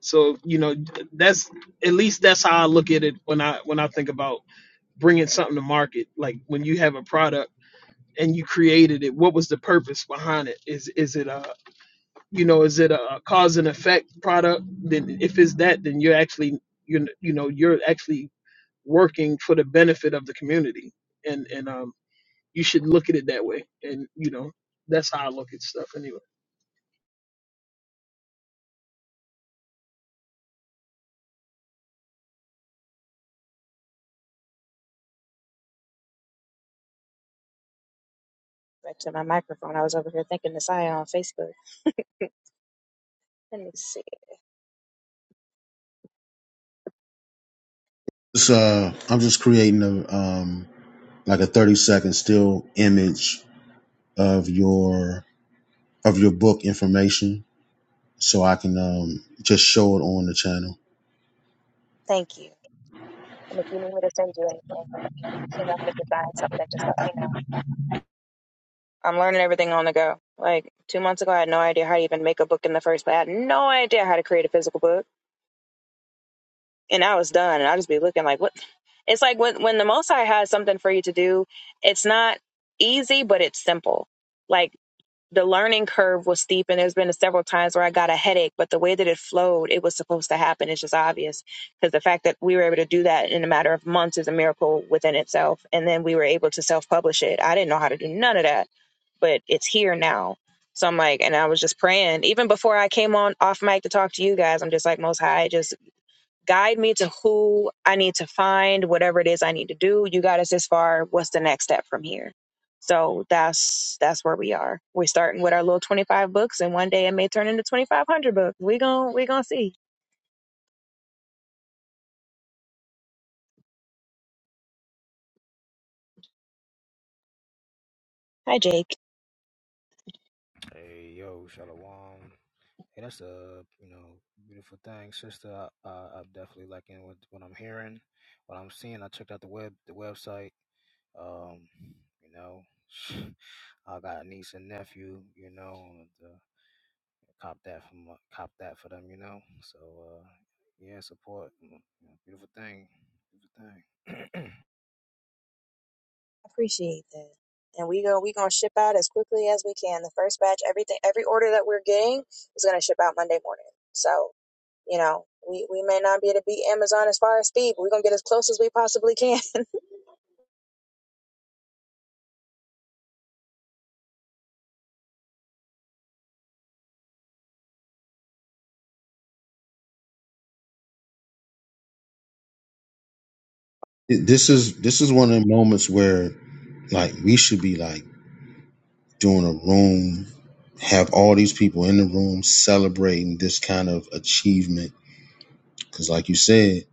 Speaker 4: So you know that's at least that's how I look at it when I when I think about bringing something to market. Like when you have a product and you created it, what was the purpose behind it? Is is it a you know is it a cause and effect product? Then if it's that, then you're actually you you know you're actually working for the benefit of the community. And and um you should look at it that way. And you know, that's how I look at stuff anyway.
Speaker 6: Back to my microphone. I was over here thinking this I on Facebook. Let me see.
Speaker 5: It's, uh, I'm just creating a um like a 30 second still image of your of your book information so I can um just show it on the channel.
Speaker 6: Thank you. And if you need me to send you anything, or you figure out how to design something, just let me know. I'm learning everything on the go. Like two months ago, I had no idea how to even make a book in the first place. I had no idea how to create a physical book. and I was done. And I just be looking like, what? It's like when when the Most High has something for you to do, it's not easy, but it's simple. Like the learning curve was steep, and there's been several times where I got a headache, but the way that it flowed, it was supposed to happen. It's just obvious because the fact that we were able to do that in a matter of months is a miracle within itself. And then we were able to self publish it. I didn't know how to do none of that, but it's here now. So I'm like, and I was just praying. Even before I came on off mic to talk to you guys, I'm just like, Most High, just guide me to who I need to find, whatever it is I need to do. You got us this far. What's the next step from here? So that's that's where we are. We're starting with our little twenty five books, and one day it may turn into twenty five hundred books. We gon' we gonna see. Hi, Jake.
Speaker 7: Hey, yo, Shalom. Hey, that's a you know beautiful thing, sister. I, I, I'm definitely liking what what I'm hearing, what I'm seeing. I checked out the web the website. Um, you know, I got a niece and nephew. You know, and, uh, cop that from cop that for them. You know, so uh, yeah, support. You know, beautiful thing, beautiful thing.
Speaker 6: Appreciate that. And we go we gonna ship out as quickly as we can. The first batch, everything, every order that we're getting is gonna ship out Monday morning. So You know, we, we may not be able to beat Amazon as far as speed, but we're gonna get as close as we possibly can.
Speaker 5: It- This is this is one of the moments where like we should be like doing a room, have all these people in the room celebrating this kind of achievement. Because, like you said,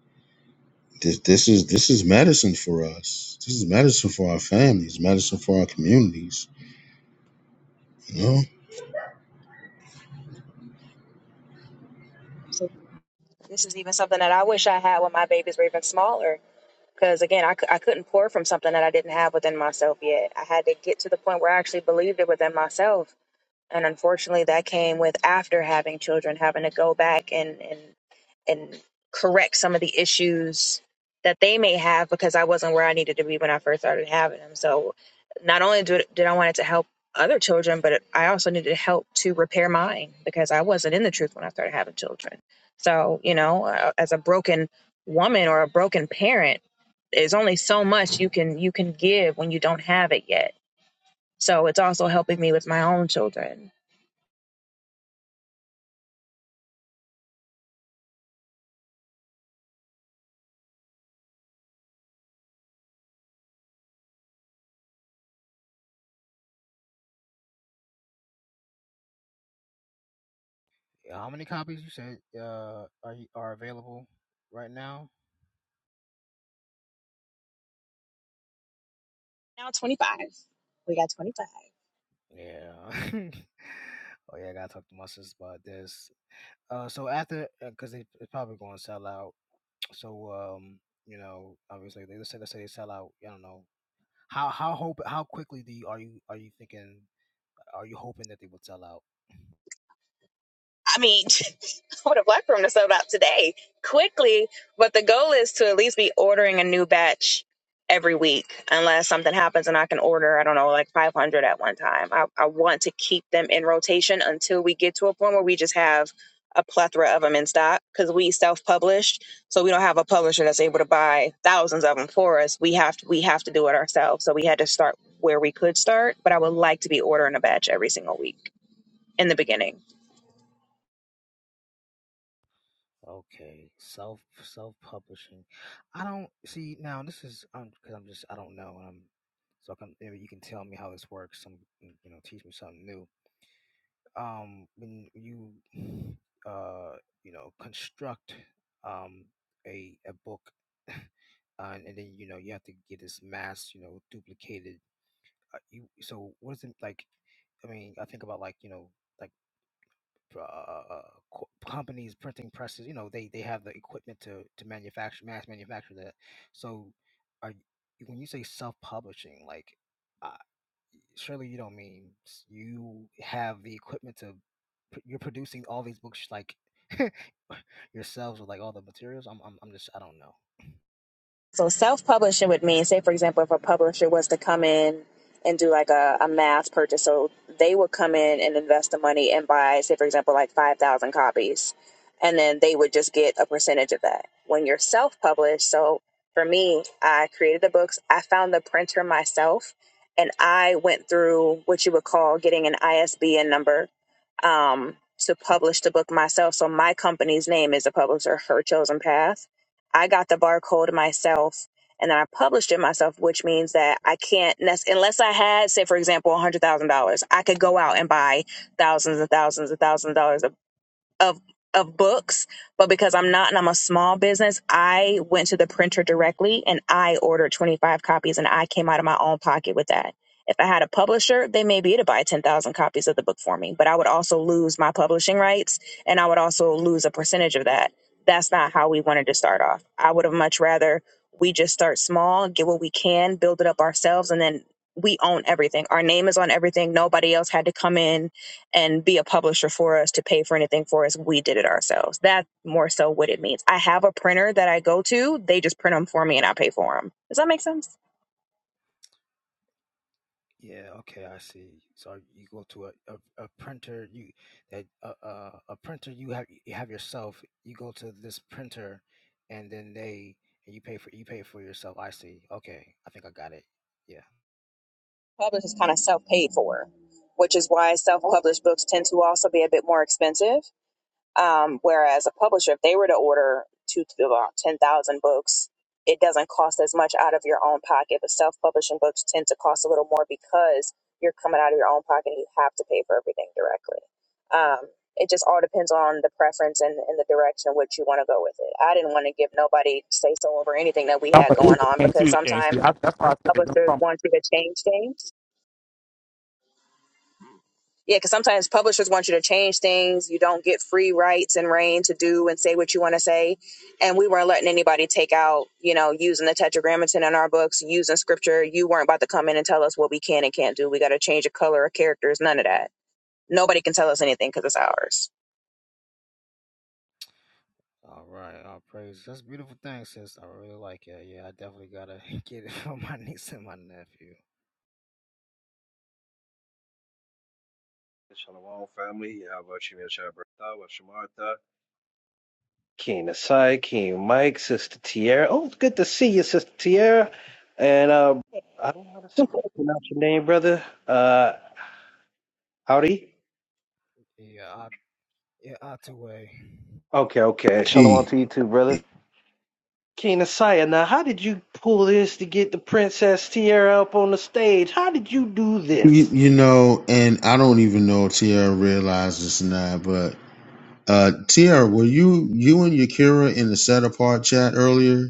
Speaker 5: this this is this is medicine for us. This is medicine for our families, medicine for our communities. You know,
Speaker 6: So this is even something that I wish I had when my babies were even smaller. Because again, I, c- I couldn't pour from something that I didn't have within myself yet. I had to get to the point where I actually believed it within myself and unfortunately that came with after having children having to go back and and and correct some of the issues that they may have because I wasn't where I needed to be when I first started having them. So not only did, did I want it to help other children, but I also needed help to repair mine because I wasn't in the truth when I started having children. So, you know, uh, as a broken woman or a broken parent, there's only so much you can you can give when you don't have it yet so it's also helping me with my own children.
Speaker 7: Yeah, How many copies you said uh, are you- are available right now?
Speaker 6: Now 25. We got 25.
Speaker 7: Yeah. oh yeah, I gotta talk to my sister about this. Uh, so after, because they it's probably going to sell out. So um, you know, obviously they let's say let's say they sell out. I don't know how how hope how quickly do you, are you are you thinking are you hoping that they will sell out?
Speaker 6: I mean, what a black room to sold out today quickly. But the goal is to at least be ordering a new batch every week, unless something happens and I can order, I don't know, like 500 at one time. I, I want to keep them in rotation until we get to a point where we just have a plethora of them in stock because we self-published so we don't have a publisher that's able to buy thousands of them for us we have to we have to do it ourselves so we had to start where we could start but i would like to be ordering a batch every single week in the beginning.
Speaker 7: Okay, self self publishing. I don't see now. This is um because I'm just I don't know. and I'm so I can maybe you can tell me how this works. Some you know teach me something new. um, when you uh, you know construct um, a a book, uh, and, and then you know you have to get this mass you know duplicated. Uh, you so what is it like? I mean, I think about like you know like uh, uh, uh, co- companies, printing presses. You know, they they have the equipment to to manufacture mass manufacture that. So, are y- when you say self publishing, like? uh, surely you don't mean you have the equipment to pr- you're producing all these books like yourselves with like all the materials i'm i'm, I'm just i don't know
Speaker 6: So self publishing would mean, say, for example, if a publisher was to come in and do like a, a mass purchase, so they would come in and invest the money and buy, say, for example, like 5,000 copies, and then they would just get a percentage of that. When you're self published, so for me, I created the books, I found the printer myself, and I went through what you would call getting an ISBN number um, to publish the book myself. So my company's name is the publisher, Her Chosen Path. I got the barcode myself and then I published it myself, which means that I can't, nec- unless I had, say, for example, $100,000, I could go out and buy thousands and thousands and thousands of dollars of of books, but because I'm not and I'm a small business, I went to the printer directly and I ordered 25 copies and I came out of my own pocket with that. If I had a publisher, they may be to buy 10,000 copies of the book for me, but I would also lose my publishing rights and I would also lose a percentage of that. That's not how we wanted to start off. I would have much rather we just start small, get what we can, build it up ourselves, and then we own everything. Our name is on everything. Nobody else had to come in and be a publisher for us to pay for anything for us. We did it ourselves. That's more so what it means. I have a printer that I go to, they just print them for me and I pay for them. Does that make sense?
Speaker 7: Yeah, okay, I see. So you go to a, a, a printer, you that a, a a printer you have you have yourself. You go to this printer, and then they and you pay for you pay for yourself. I see. Okay, I think I got it. Yeah.
Speaker 6: Publish is kind of self paid for, which is why self published books tend to also be a bit more expensive. Um, whereas a publisher, if they were to order two to about 10,000 books, it doesn't cost as much out of your own pocket. But self publishing books tend to cost a little more because you're coming out of your own pocket and you have to pay for everything directly. Um, it just all depends on the preference and, and the direction in which you want to go with it. I didn't want to give nobody say so over anything that we
Speaker 8: I'm
Speaker 6: had going
Speaker 8: confused
Speaker 6: on
Speaker 8: between
Speaker 6: because
Speaker 8: two and
Speaker 6: sometimes
Speaker 8: see. I, that's why I said it don't
Speaker 6: publishers
Speaker 8: come
Speaker 6: want you to change things Yeah, because sometimes publishers want you to change things. You don't get free rights and reign to do and say what you want to say. And we weren't letting anybody take out, you know, using the tetragrammaton in our books, using scripture. You weren't about to come in and tell us what we can and can't do. We got to change the color of characters, none of that. Nobody can tell us anything because it's ours.
Speaker 7: all right all praise that's a beautiful thing sis i really like it yeah i definitely gotta get it for my niece and my nephew
Speaker 9: Shalom, family. Yahweh Shemir Shabbatah, Washamartha. King Asai, King Mike, Sister Tierra. Oh, good to see you, Sister Tierra. And uh, I don't know how to pronounce your name, brother. Uh, howdy.
Speaker 7: Yeah, I, yeah, Otway.
Speaker 9: Okay, okay. Shalom
Speaker 5: E,
Speaker 9: to you too, brother.
Speaker 5: y-
Speaker 9: King Asai, now how did you pull this to get the Princess Tierra up on the stage? How did you do this?
Speaker 5: you know, and I don't even know if Tiara realized this or not, but uh Tiara, were you you and Yakira in the set apart chat earlier?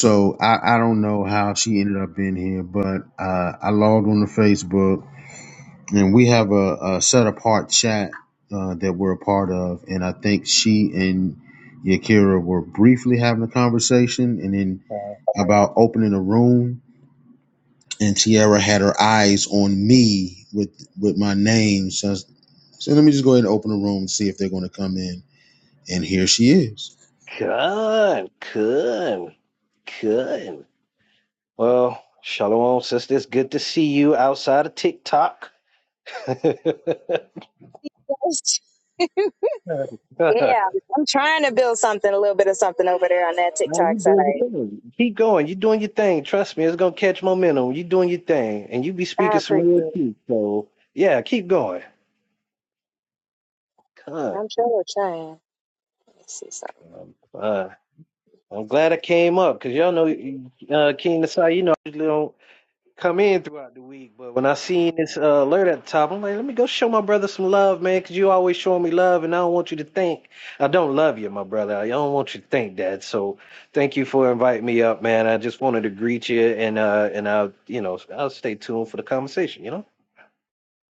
Speaker 5: So I, I don't know how she ended up in here, but uh, I logged on to Facebook and we have a, a set apart chat uh, that we're a part of. And I think she and Yakira were briefly having a conversation and then
Speaker 9: Uh,
Speaker 5: about opening a room. And Tiara had her eyes on me with with my name. So I said, let me just go ahead and open a room and see if they're going to come in. And here she is.
Speaker 9: Kun, kun, kun. Well, Shalom, sister. It's good to see you outside of TikTok. now
Speaker 6: Yeah, I'm trying to build something, a little bit of something over there on that TikTok
Speaker 9: you
Speaker 6: side.
Speaker 9: doing your thing. Keep going. you doing your thing. Trust me, it's gonna catch momentum. you doing your thing, and you be
Speaker 6: I
Speaker 9: speaking some
Speaker 6: appreciate
Speaker 9: real
Speaker 6: it.
Speaker 9: truth. So yeah, keep going. Con.
Speaker 6: I'm sure we're trying. Let me see something.
Speaker 9: Um, uh, I'm glad I came up because y'all know uh, King Nasai. You know, I usually don't come in throughout the week, but when I seen this uh, alert at the top, I'm like, let me go show my brother some love, man, because you always showing me love, and I don't want you to think I don't love you, my brother. I don't want you to think that. So thank you for inviting me up, man. I just wanted to greet you, and uh, and I'll you know I'll stay tuned for the conversation. You know.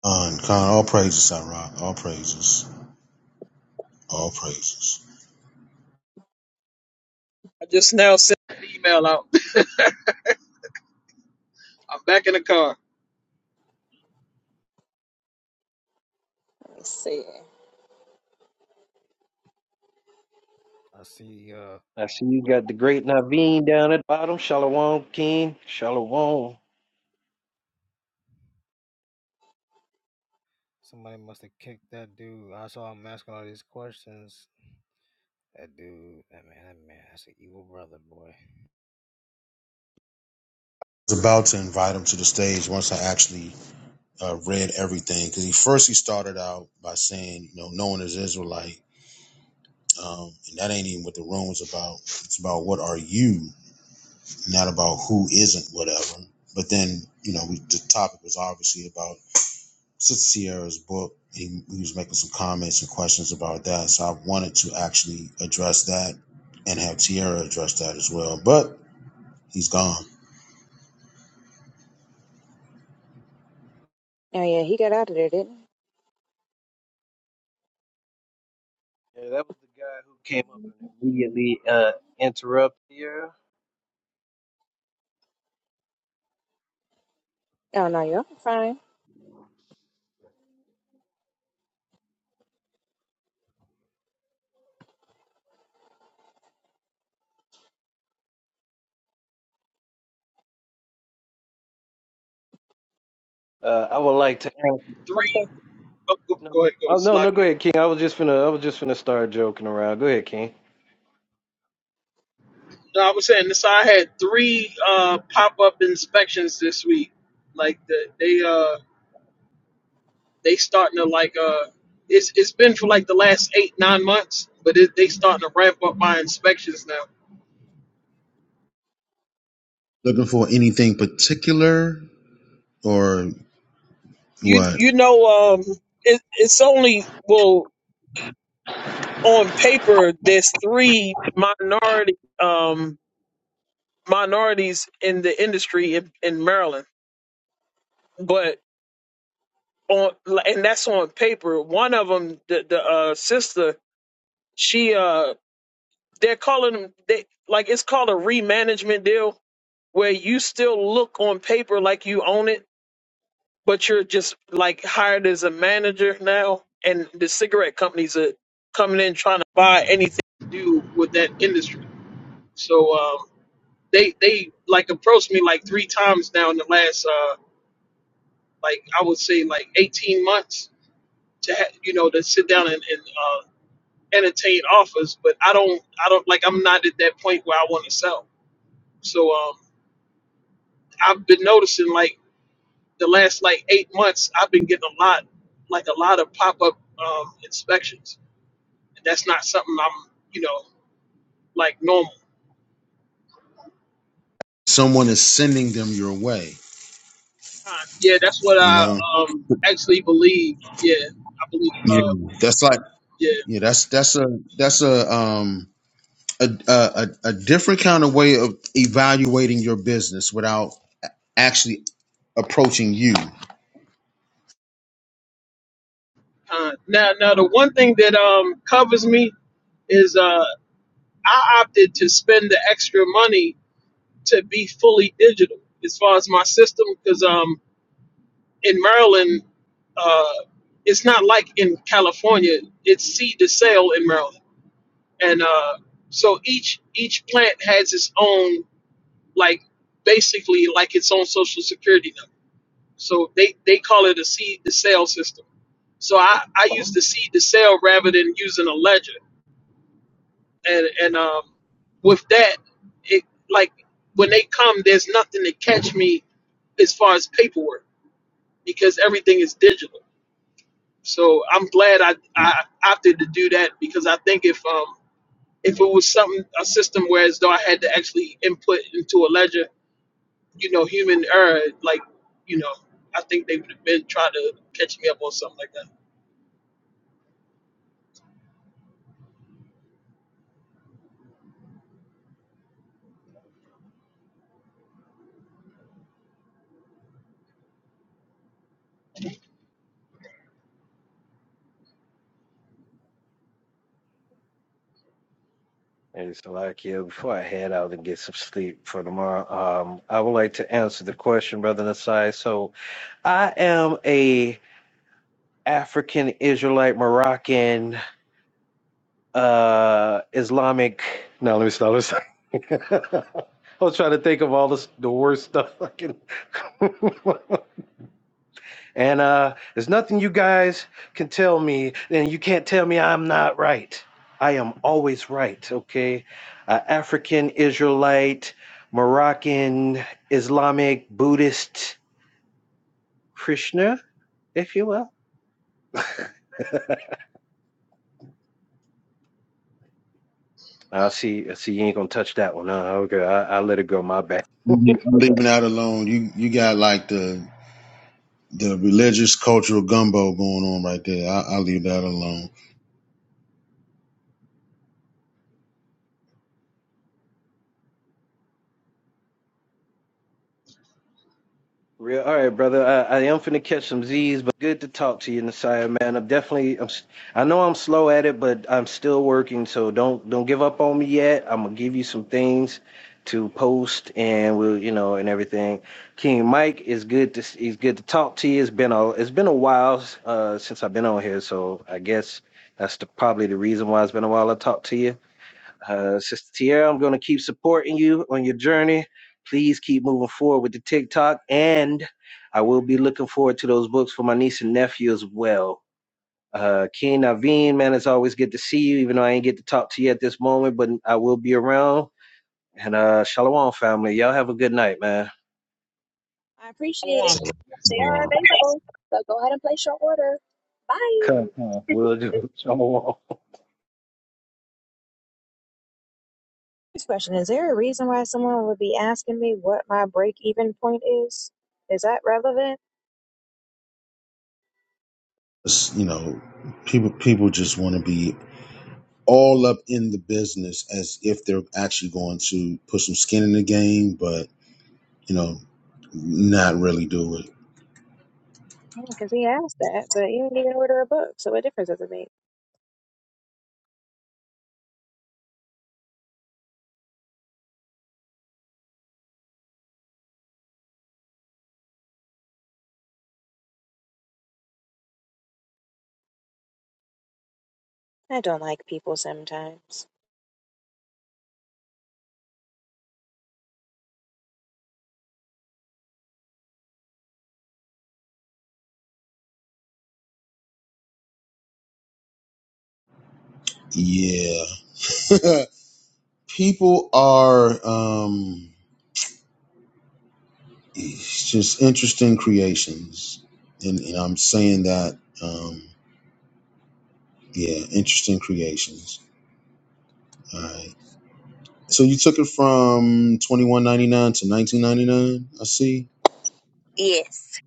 Speaker 5: Uh, and Khan, all praises, Iraq. All praises. All praises.
Speaker 4: I just now sent An email out. I'm back in the car.
Speaker 6: Let me see.
Speaker 7: I see. Uh,
Speaker 9: I see you got the great Naveen down at the bottom. Shalom King. Shalom.
Speaker 7: somebody must have kicked that dude. I saw him asking all these questions. That dude, that man, that man, that's an evil brother, boy.
Speaker 5: was about to invite him to the stage once I actually uh, read everything because he first he started out by saying, you know, no one is Israelite, um, and that ain't even what the room was about. It's about what are you, not about who isn't whatever. But then you know we, the topic was obviously about Sister Sierra's book. He, he was making some comments and questions about that, so I wanted to actually address that and have Sierra address that as well. But he's gone.
Speaker 6: Oh yeah, he got out of there, didn't
Speaker 9: Yeah, that was the guy who came up and immediately uh, interrupted here.
Speaker 6: he? Oh no, you're fine.
Speaker 9: Uh, I would like to ask.
Speaker 6: I'm
Speaker 4: Three
Speaker 6: sorry.
Speaker 4: oh, go,
Speaker 9: No,
Speaker 4: go
Speaker 9: no,
Speaker 4: ahead, go
Speaker 9: oh, no,
Speaker 4: Slock
Speaker 9: no, go
Speaker 4: it.
Speaker 9: ahead, King. I was just finna, I was just finna start joking around. Go ahead, King.
Speaker 4: No, I was saying this. I had three uh, pop up inspections this week. Like the, they uh they starting to like uh it's it's been for like the last eight nine months, but it, they starting to ramp up my inspections now.
Speaker 5: Looking for anything particular, or
Speaker 4: you
Speaker 5: What?
Speaker 4: you know um it, it's only well on paper there's three minority um. minorities in the industry in, in Maryland. But on and that's on paper. One of them, the, the uh, sister, she uh, they're calling them they like it's called a remanagement deal where you still look on paper like you own it, but you're just like hired as a manager now, and the cigarette companies are coming in trying to buy anything to do with that industry. So um, they they like approached me like three times now in the last uh like I would say like 18 months to ha- you know to sit down and, and uh, entertain offers, but I don't I don't like I'm not at that point where I want to sell. So um, I've been noticing like the last like eight months I've been getting a lot like a lot of pop up um, inspections, and that's not something I'm you know like normal.
Speaker 5: Someone is sending them your way.
Speaker 4: Yeah, that's what
Speaker 5: You
Speaker 4: I
Speaker 5: know.
Speaker 4: um, actually believe. Yeah, I believe.
Speaker 5: Yeah.
Speaker 4: Uh,
Speaker 5: That's like
Speaker 4: yeah.
Speaker 5: yeah. That's that's a that's a um a a, a a different kind of way of evaluating your business without actually approaching you. i
Speaker 4: Uh, now, now the one thing that um, covers me is uh, I opted to spend the extra money to be fully digital as far as my system because um in Maryland uh it's not like in California it's seed to sale in Maryland and uh so each each plant has its own like basically like its own social security number so they they call it a seed to sale system so I I use the seed to sale rather than using a ledger and and um with that it like when they come there's nothing to catch me as far as paperwork because everything is digital so i'm glad i i opted to do that because i think if um if it was something a system where as though i had to actually input into a ledger you know human error like you know i think they would have been trying to catch me up on something like that
Speaker 9: Hey, so like, yeah, before I head out and get some sleep for tomorrow, um, I would like to answer the question, Brother Nasai. So I am a African Israelite Moroccan uh Islamic. No, let me stop. I was trying to think of all this, the worst stuff I can. and uh, there's nothing you guys can tell me, and you can't tell me I'm not right. I am always right, okay? Uh, African, Israelite, Moroccan, Islamic, Buddhist, Krishna, if you will. I see. I see. You ain't gonna touch that one, huh? Okay, I, I let it go. My bad.
Speaker 5: I'm leaving out alone. You you got like the the religious cultural gumbo going on right there. I, I'll leave that alone.
Speaker 9: Real, all right, brother. I, I am finna catch some Z's, but good to talk to you, Nasiah, man. I'm definitely, I'm, s- I know I'm slow at it, but I'm still working, so don't don't give up on me yet. I'm gonna give you some things to post, and we'll, you know, and everything. King Mike is good to, s- he's good to talk to you. It's been a, it's been a while uh, since I've been on here, so I guess that's the, probably the reason why it's been a while I talked to you. Uh, Sister Tierra, I'm going to keep supporting you on your journey. Please keep moving forward with the TikTok. And I will be looking forward to those books for my niece and nephew as well. Uh, King Naveen, man, it's always good to see you, even though I ain't get to talk to you at this moment, but I will be around. And uh, Shalom, family. Y'all have a good night, man.
Speaker 6: I appreciate it.
Speaker 5: So,
Speaker 6: They
Speaker 5: so,
Speaker 6: are
Speaker 5: uh,
Speaker 6: available, so go ahead and place your order.
Speaker 9: Come
Speaker 6: Bye.
Speaker 9: on, we'll do. it.
Speaker 6: Next question: Is there a reason why someone would be asking me what my break-even point is? Is that relevant?
Speaker 5: it's, you know, people people just want to be all up in the business as if they're actually going to put some skin in the game, but you know, not really do it.
Speaker 6: Because he asked that, but you didn't even order a book, so what difference does it make? I don't like people sometimes.
Speaker 5: Yeah. People are um it's just interesting creations. And, and I'm saying that um yeah, interesting creations. All right. So you took it from 21.99 to 19.99, I see.
Speaker 6: Yes.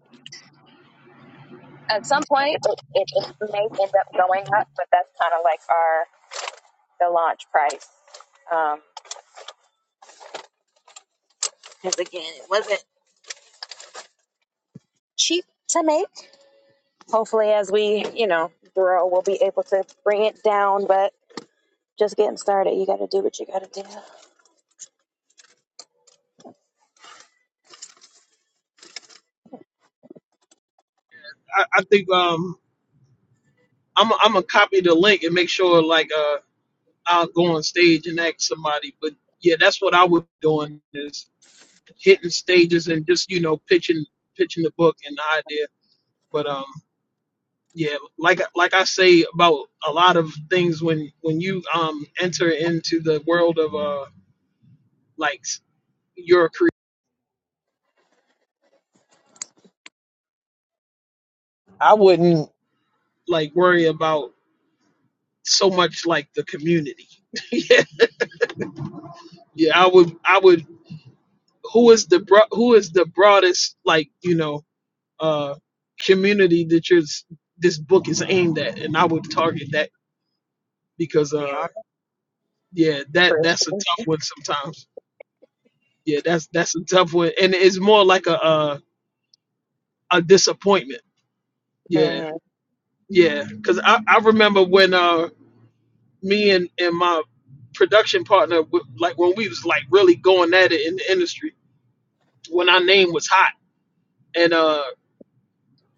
Speaker 6: At some point, it, it, it may end up going up, but that's kind of like our the launch price. Um, because um, again, it wasn't cheap to make. Hopefully, as we you know grow, we'll be able to bring it down. But just getting started, you got to do what you got to do.
Speaker 4: i, I think um I'm i I'm gonna copy the link and make sure like uh I'll go on stage and ask somebody. But yeah, that's what I was doing is hitting stages and just you know pitching pitching the book and the idea. But um, yeah, like like I say about a lot of things when when you um enter into the world of uh like your career, I wouldn't like worry about so much like the community. yeah, yeah, I would I would. Who is the bro- who is the broadest like you know uh, community that your s- this book is aimed at, and I would target that because
Speaker 6: Be
Speaker 4: uh,
Speaker 6: honest.
Speaker 4: yeah, that
Speaker 6: For
Speaker 4: that's a
Speaker 6: sure.
Speaker 4: tough one sometimes. Yeah, that's that's a tough one, and it's more like a a, a disappointment. Yeah,
Speaker 6: Mm-hmm.
Speaker 4: yeah, because I I remember when uh me and and my production partner w- like when we was like really going at it in the industry when our name was hot and uh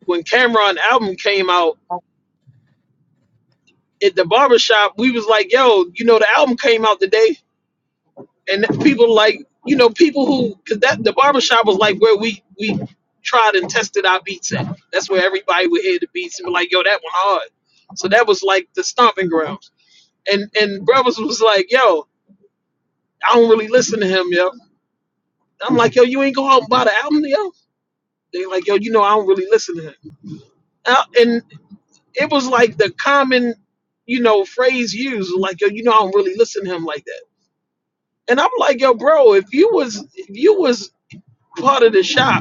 Speaker 4: when Cameron album came out at the barbershop we was like yo you know the album came out today and people like you know people who because that the barbershop was like where we we tried and tested our beats at that's where everybody would hear the beats and be like yo that one hard so that was like the stomping grounds and and brothers was like yo i don't really listen to him yo i'm like yo you ain't go out and buy the album yo they like yo you know i don't really listen to him Uh, and it was like the common you know phrase used like yo you know i don't really listen to him like that and i'm like yo bro if you was if you was part of the shop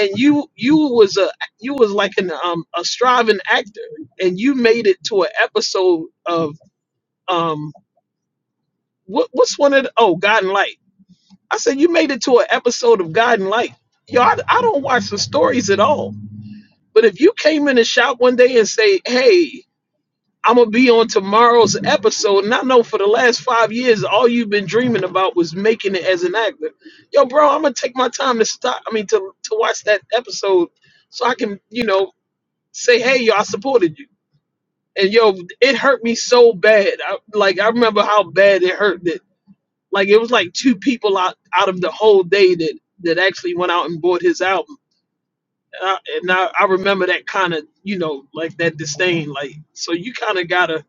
Speaker 4: and you you was a you was like an um a striving actor and you made it to an episode of um what what's one of the, oh God and Light I said you made it to an episode of God and Light yo I, I don't watch the stories at all but if you came in the shop one day and say hey I'm gonna be on tomorrow's episode and I know for the last five years all you've been dreaming about was making it as an actor yo bro I'm gonna take my time to stop I mean to to watch that episode so I can, you know, Say, hey, yo, I supported you. And yo, it hurt me so bad. I, like I remember how bad it hurt that like it was like two people out, out of the whole day that that actually went out and bought his album. And I, and I, I remember that kind of you know like that disdain. Like so you kind of gotta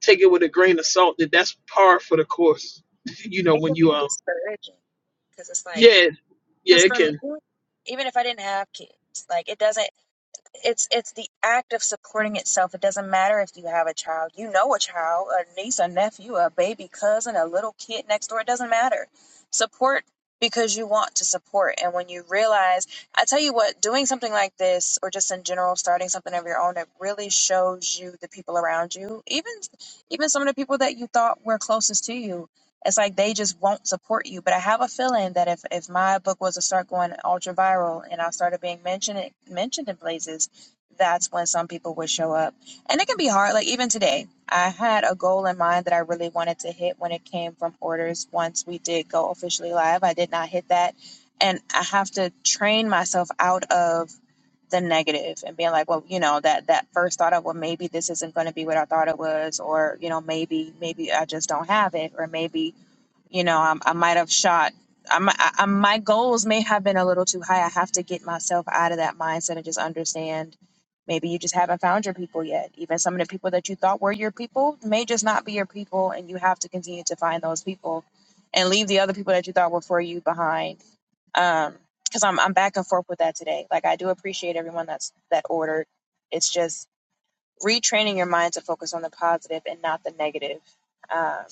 Speaker 4: take it with a grain of salt that that's par for the course. you know
Speaker 6: It can
Speaker 4: when
Speaker 6: be
Speaker 4: you um
Speaker 6: discouraging because it's like
Speaker 4: yeah yeah
Speaker 6: because
Speaker 4: it
Speaker 6: for me,
Speaker 4: can
Speaker 6: even if I didn't have kids, like it doesn't. it's it's the act of supporting itself. It doesn't matter if you have a child. You know a child, a niece, a nephew, a baby cousin, a little kid next door. It doesn't matter. Support because you want to support. And when you realize, I tell you what, doing something like this, or just in general, starting something of your own, it really shows you the people around you, even even some of the people that you thought were closest to you it's like they just won't support you. But I have a feeling that if, if my book was to start going ultra viral and I started being mentioned mentioned in places, that's when some people would show up. And it can be hard. Like even today, I had a goal in mind that I really wanted to hit when it came from orders. Once we did go officially live, I did not hit that, and I have to train myself out of the negative and being like, well, you know, that that first thought of, well, maybe this isn't going to be what I thought it was, or you know, maybe maybe I just don't have it, or maybe you know i, I might have shot I, mi- I, I- my goals may have been a little too high i have to get myself out of that mindset and just understand maybe you just haven't found your people yet even some of the people that you thought were your people may just not be your people and you have to continue to find those people and leave the other people that you thought were for you behind um because I'm, I'm back and forth with that today like i do appreciate everyone that's that ordered it's just retraining your mind to focus on the positive and not the negative Um,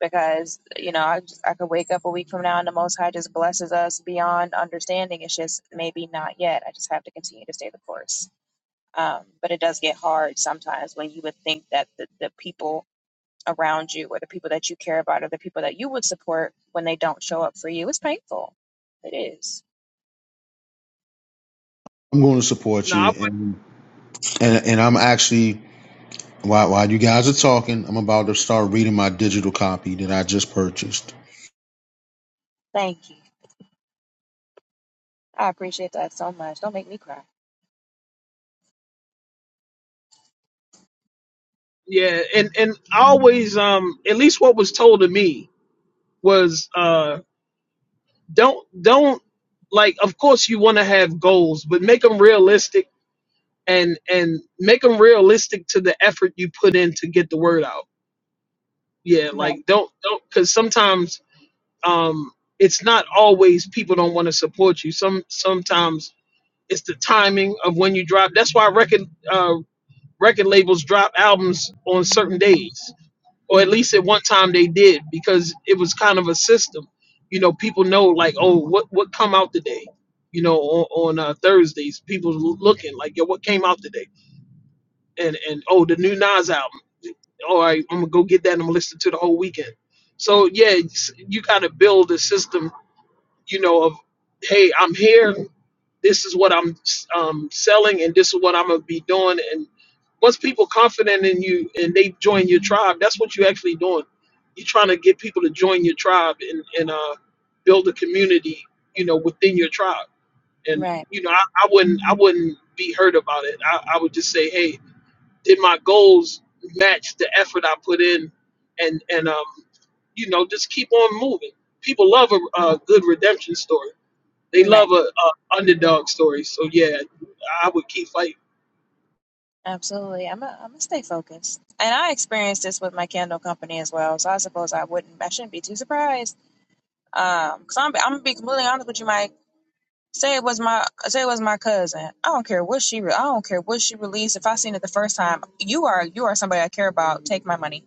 Speaker 6: because you know I just I could wake up a week from now and the Most High just blesses us beyond understanding. It's just maybe not yet. I just have to continue to stay the course. Um, but it does get hard sometimes when you would think that the, the people around you or the people that you care about or the people that you would support when they don't show up for you. It's painful. It is.
Speaker 5: I'm going to support
Speaker 4: no
Speaker 5: you
Speaker 4: I,
Speaker 5: and and and I'm actually While, while you guys are talking, I'm about to start reading my digital copy that I just purchased.
Speaker 6: Thank you. I appreciate that so much. Don't make me cry.
Speaker 4: yeah and and I always um at least what was told to me was uh don't don't like of course you want to have goals but make them realistic and and make them realistic to the effort you put in to get the word out yeah
Speaker 6: Right.
Speaker 4: like don't don't because sometimes um it's not always people don't want to support you some sometimes it's the timing of when you drop that's why record uh record labels drop albums on certain days or at
Speaker 6: Mhm.
Speaker 4: least at one time they did because it was kind of a system you know people know like oh what what come out today you know on, on uh, thursdays people l- looking like yo what came out today and and oh the new nas album all right i'm gonna go get that and i'm gonna listen to the whole weekend so yeah it's- you gotta build a system you know of hey i'm here this is what I'm um, selling, and this is what I'm gonna be doing. And once people confident in you and they join your tribe, that's what you're actually doing. You're trying to get people to join your tribe and and uh, build a community, you know, within your tribe. And
Speaker 6: Right.
Speaker 4: you know, I, I wouldn't I wouldn't be hurt about it. I, I would just say, hey, did my goals match the effort I put in? And and um, you know, just keep on moving. People love a, a good redemption story they
Speaker 6: Right.
Speaker 4: love a, a underdog story. So yeah, I would keep fighting.
Speaker 6: Absolutely. I'm going I'm to stay focused. And I experienced this with my candle company as well. So I suppose I wouldn't, I shouldn't be too surprised. Um, cause I'm, I'm going to be completely honest with you, Mike. Say it was my, say it was my cousin. I don't care what she, re- I don't care what she released. If I seen it the first time, you are, you are somebody I care about. Take my money.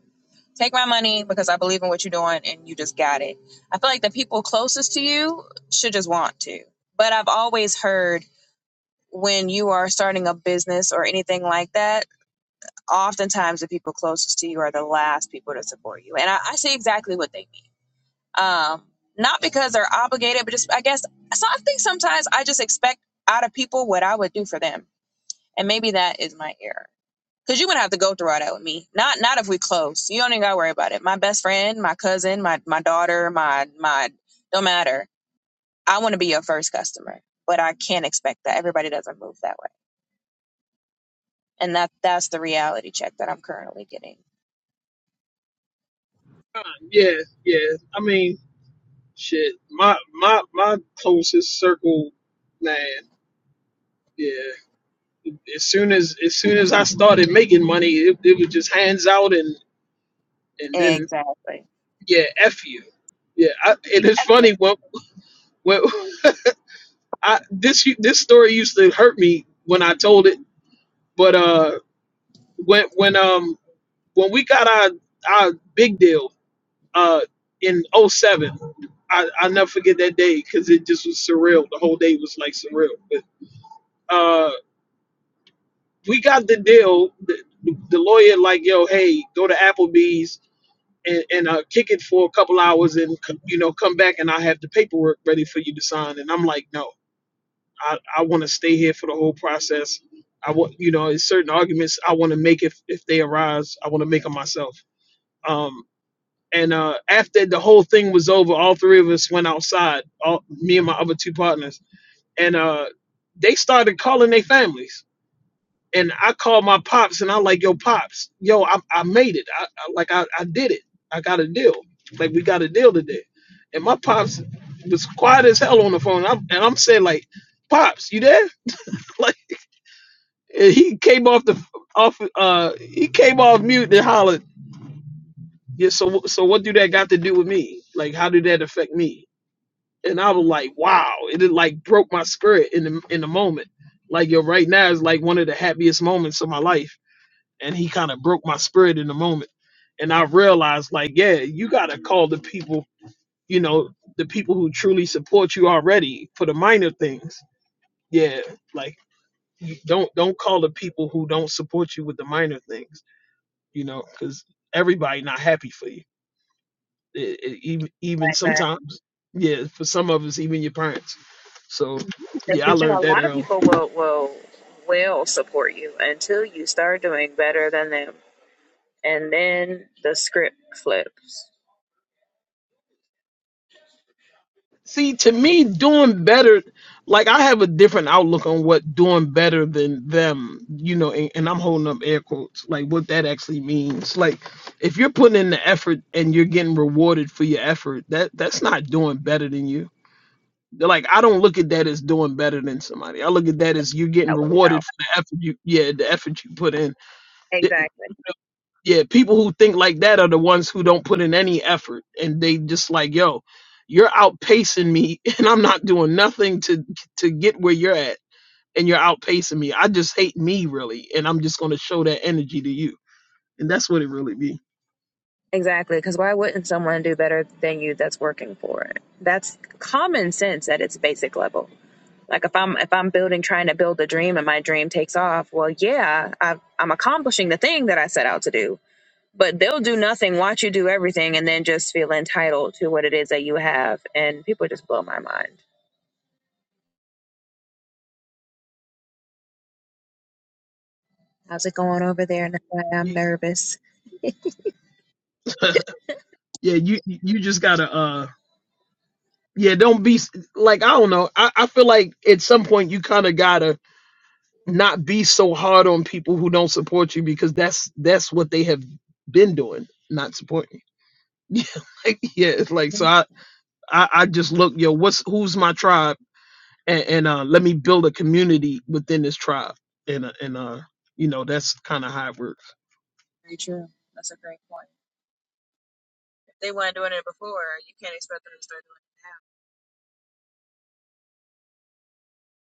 Speaker 6: Take my money because I believe in what you're doing and you just got it. I feel like the people closest to you should just want to. But I've always heard when you are starting a business or anything like that, oftentimes the people closest to you are the last people to support you. And I, I see exactly what they mean. Um, not because they're obligated, but just I guess so I think sometimes I just expect out of people what I would do for them. And maybe that is my error. Cause you wouldn't have to go through all that with me. Not not if we close. You don't even gotta worry about it. My best friend, my cousin, my my daughter, my my don't matter. I wanna be your first customer. But I can't expect that. Everybody doesn't move that way. And that that's the reality check that I'm currently getting.
Speaker 4: Uh, Yeah, yeah. I mean, shit. My my my closest circle, man. Yeah. As soon as as soon as I started making money, it, it was just hands out and and then
Speaker 6: Exactly.
Speaker 4: yeah, f you. Yeah. I,
Speaker 6: Yeah,
Speaker 4: and it's funny when when I this this story used to hurt me when I told it, but uh when when um when we got our our big deal uh, in '07, I, I'll never forget that day because it just was surreal. The whole day was like surreal. But uh, we got the deal. The, the lawyer like, yo, hey, go to Applebee's and, and uh, kick it for a couple hours and you know come back and I have the paperwork ready for you to sign. And I'm like, no, I, I want to stay here for the whole process. I want you know, certain arguments I want to make if if they arise. I want to make them myself. Um. And uh, after the whole thing was over, all three of us went outside, all, me and my other two partners, and uh, they started calling their families. And I called my pops, and I'm like, "Yo, pops, yo, I, I made it. I, I like I, I did it. I got a deal. Like we got a deal today." And my pops was quiet as hell on the phone. And I'm, and I'm saying like, "Pops, you there?" like and he came off the off. Uh, he came off mute and hollered, "Yeah, so so what do that got to do with me? Like, how did that affect me?" and I was like, wow, it it, like broke my spirit in the in the moment. Like yo, right now is like one of the happiest moments of my life, and he kind of broke my spirit in the moment, and I realized like, yeah, you gotta call the people, you know, the people who truly support you already for the minor things. Yeah, like you don't don't call the people who don't support you with the minor things, you know, because everybody not happy for you it, it, even even
Speaker 6: exactly.
Speaker 4: sometimes, yeah, for some of us, even your parents. So, yeah, I
Speaker 6: Because you know,
Speaker 4: learned
Speaker 6: a
Speaker 4: that
Speaker 6: lot of
Speaker 4: early.
Speaker 6: people will will will support you until you start doing better than them, and then the script flips.
Speaker 4: See, to me, doing better, like I have a different outlook on what doing better than them, you know, and, and I'm holding up air quotes, like what that actually means. Like, if you're putting in the effort and you're getting rewarded for your effort, that that's not doing better than you. Like, I don't look at that as doing better than somebody. I look at that as you're getting
Speaker 6: That would it out.
Speaker 4: rewarded for the effort you, yeah, the effort you put in.
Speaker 6: Exactly.
Speaker 4: yeah, people who think like that are the ones who don't put in any effort and they just like, yo, you're outpacing me and I'm not doing nothing to to get where you're at and you're outpacing me. I just hate me really and I'm just going to show that energy to you. And that's what it really be.
Speaker 6: Exactly. Because why wouldn't someone do better than you that's working for it? That's common sense at its basic level. Like if I'm if I'm building trying to build a dream and my dream takes off, well, yeah, I've, I'm accomplishing the thing that I set out to do. But they'll do nothing, watch you do everything, and then just feel entitled to what it is that you have. And people just blow my mind. How's it going over there? I'm
Speaker 4: You-
Speaker 6: nervous.
Speaker 4: yeah, you you just got to uh yeah, don't be s- like I don't know. I I feel like at some point you kind of got to not be so hard on people who don't support you because that's that's what they have been doing, not supporting you. yeah, like, yeah, it's like so.
Speaker 6: Mhm.
Speaker 4: I, I I just look, yo, what's who's my tribe, and, and uh, let me build a community within this tribe, and uh, and uh, you know, that's kind of how it works,
Speaker 6: Very true. That's a great point. If they weren't doing it before, you can't expect them to start doing it now.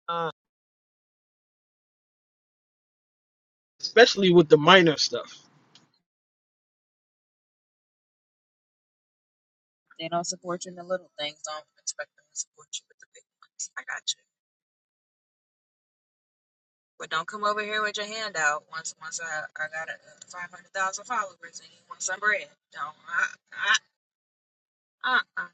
Speaker 4: uh, especially with the minor stuff.
Speaker 6: They don't support you in the little things. Don't expect them to support you with the big ones. I got you. But don't come over here with your hand out once once I, I got a uh, five hundred thousand followers and you want some bread. Don't I, I, uh-uh.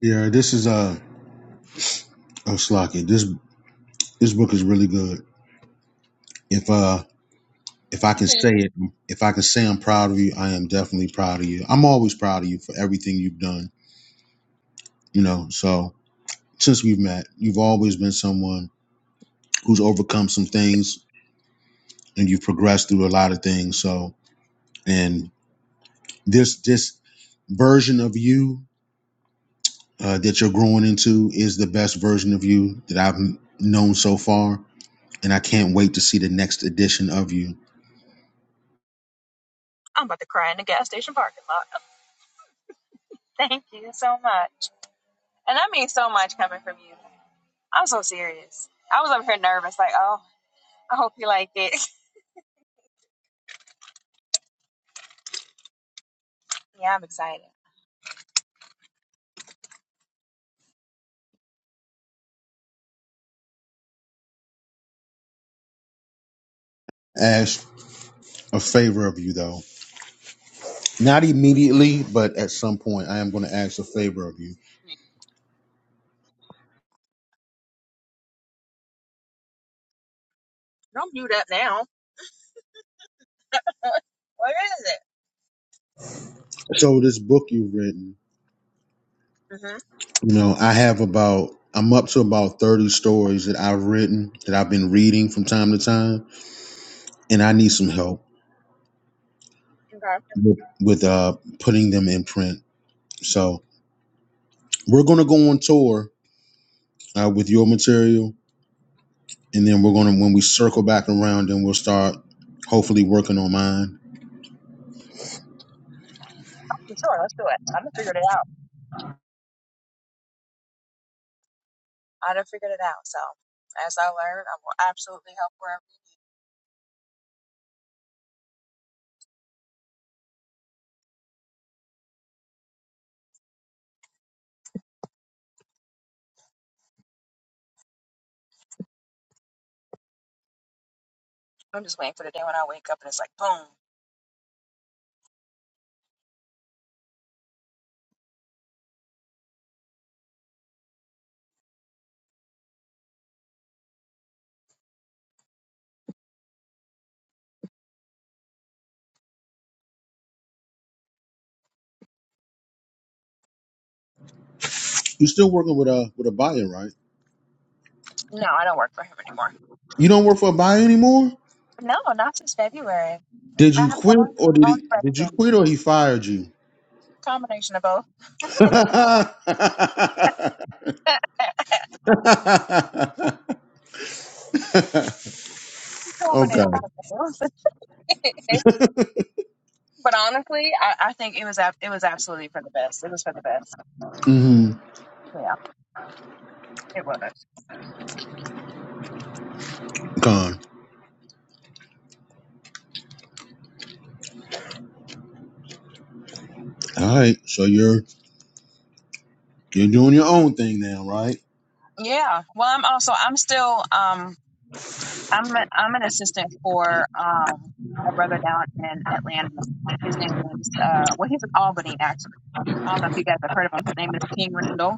Speaker 5: Yeah, this is uh oh Slocky. This this book is really good. If uh if I can say it, if I can say I'm proud of you, I am definitely proud of you. I'm always proud of you for everything you've done. You know, so since we've met, you've always been someone who's overcome some things and you've progressed through a lot of things. So and this this version of you uh, that you're growing into is the best version of you that I've known so far. And I can't wait to see the next edition of you.
Speaker 6: I'm about to cry in the gas station parking lot. Thank you so much, and that means so much coming from you. I'm so serious. I was over here nervous, like, oh, I hope you like it. yeah, I'm excited.
Speaker 5: Ask a favor of you, though. Not immediately, but at some point, I am going to ask a favor of you.
Speaker 6: Mhm. Don't mute up now. What is it?
Speaker 5: So, this book you've written,
Speaker 6: Mm-hmm.
Speaker 5: You know, I have about I'm up to about 30 stories that I've written that I've been reading from time to time, and I need some help
Speaker 6: Okay,
Speaker 5: with, with uh putting them in print. So we're gonna go on tour uh, with your material, and then we're gonna when we circle back around, then we'll start hopefully working on mine.
Speaker 6: Well, sure. Let's do it. I done figured it out. I done figured it out. So as I learn, I will absolutely help wherever. I'm just waiting for the day when I wake up and it's like, boom.
Speaker 5: You're still working with a with a buyer, right?
Speaker 6: No, I don't work for him anymore.
Speaker 5: You don't work for a buyer anymore.
Speaker 6: No, not since February.
Speaker 5: Did
Speaker 6: I
Speaker 5: you
Speaker 6: have my
Speaker 5: quit
Speaker 6: own,
Speaker 5: or did he
Speaker 6: own
Speaker 5: did you
Speaker 6: person.
Speaker 5: quit or he fired you?
Speaker 6: Combination of both.
Speaker 5: Okay.
Speaker 6: Combination of both. but honestly, I, I think it was ab- it was absolutely for the best. It was for the best.
Speaker 5: Mm-hmm.
Speaker 6: Yeah, it was.
Speaker 5: Gone. All right. So you're you're doing your own thing now, right?
Speaker 6: Yeah. Well, I'm also I'm still um I'm a, I'm an assistant for um a brother down in Atlanta. His name is uh well he's in Albany actually. I don't know if you guys have heard of him. His name is King Randall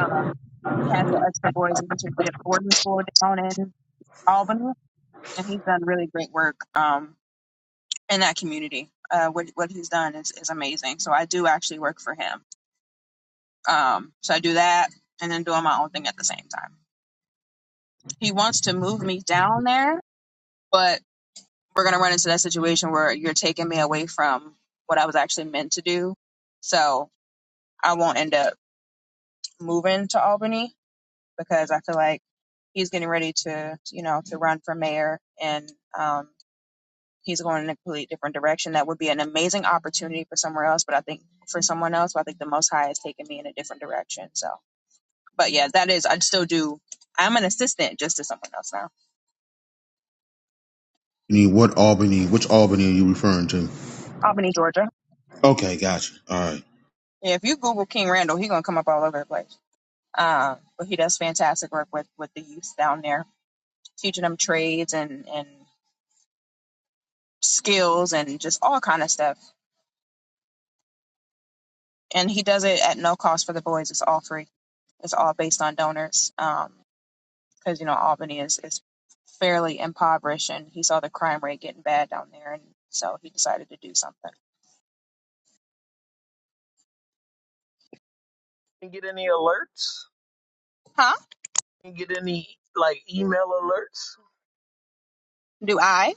Speaker 6: Um, he has the extra Boys Leadership Boarding School down in Albany, and he's done really great work um, in that community. Uh, what what he's done is, is amazing. So I do actually work for him. Um, so I do that and then doing my own thing at the same time. He wants to move me down there, but we're gonna run into that situation where you're taking me away from what I was actually meant to do. So I won't end up moving to Albany because I feel like he's getting ready to, you know, to run for mayor and um, he's going in a completely different direction. That would be an amazing opportunity for somewhere else, but I think for someone else, but I think the Most High has taken me in a different direction. So, but yeah, that is, I still do. I'm an assistant just to someone else now.
Speaker 5: I mean, what Albany? Which Albany are you referring to?
Speaker 6: Albany, Georgia.
Speaker 5: Okay, gotcha. All right.
Speaker 6: Yeah, if you Google King Randall, he's gonna come up all over the place. Um, but he does fantastic work with with the youth down there, teaching them trades and and skills and just all kind of stuff and he does it at no cost for the boys. It's all free. It's all based on donors. Um, because um, you know Albany is is fairly impoverished, and he saw the crime rate getting bad down there, and so he decided to do something. Huh? Do I?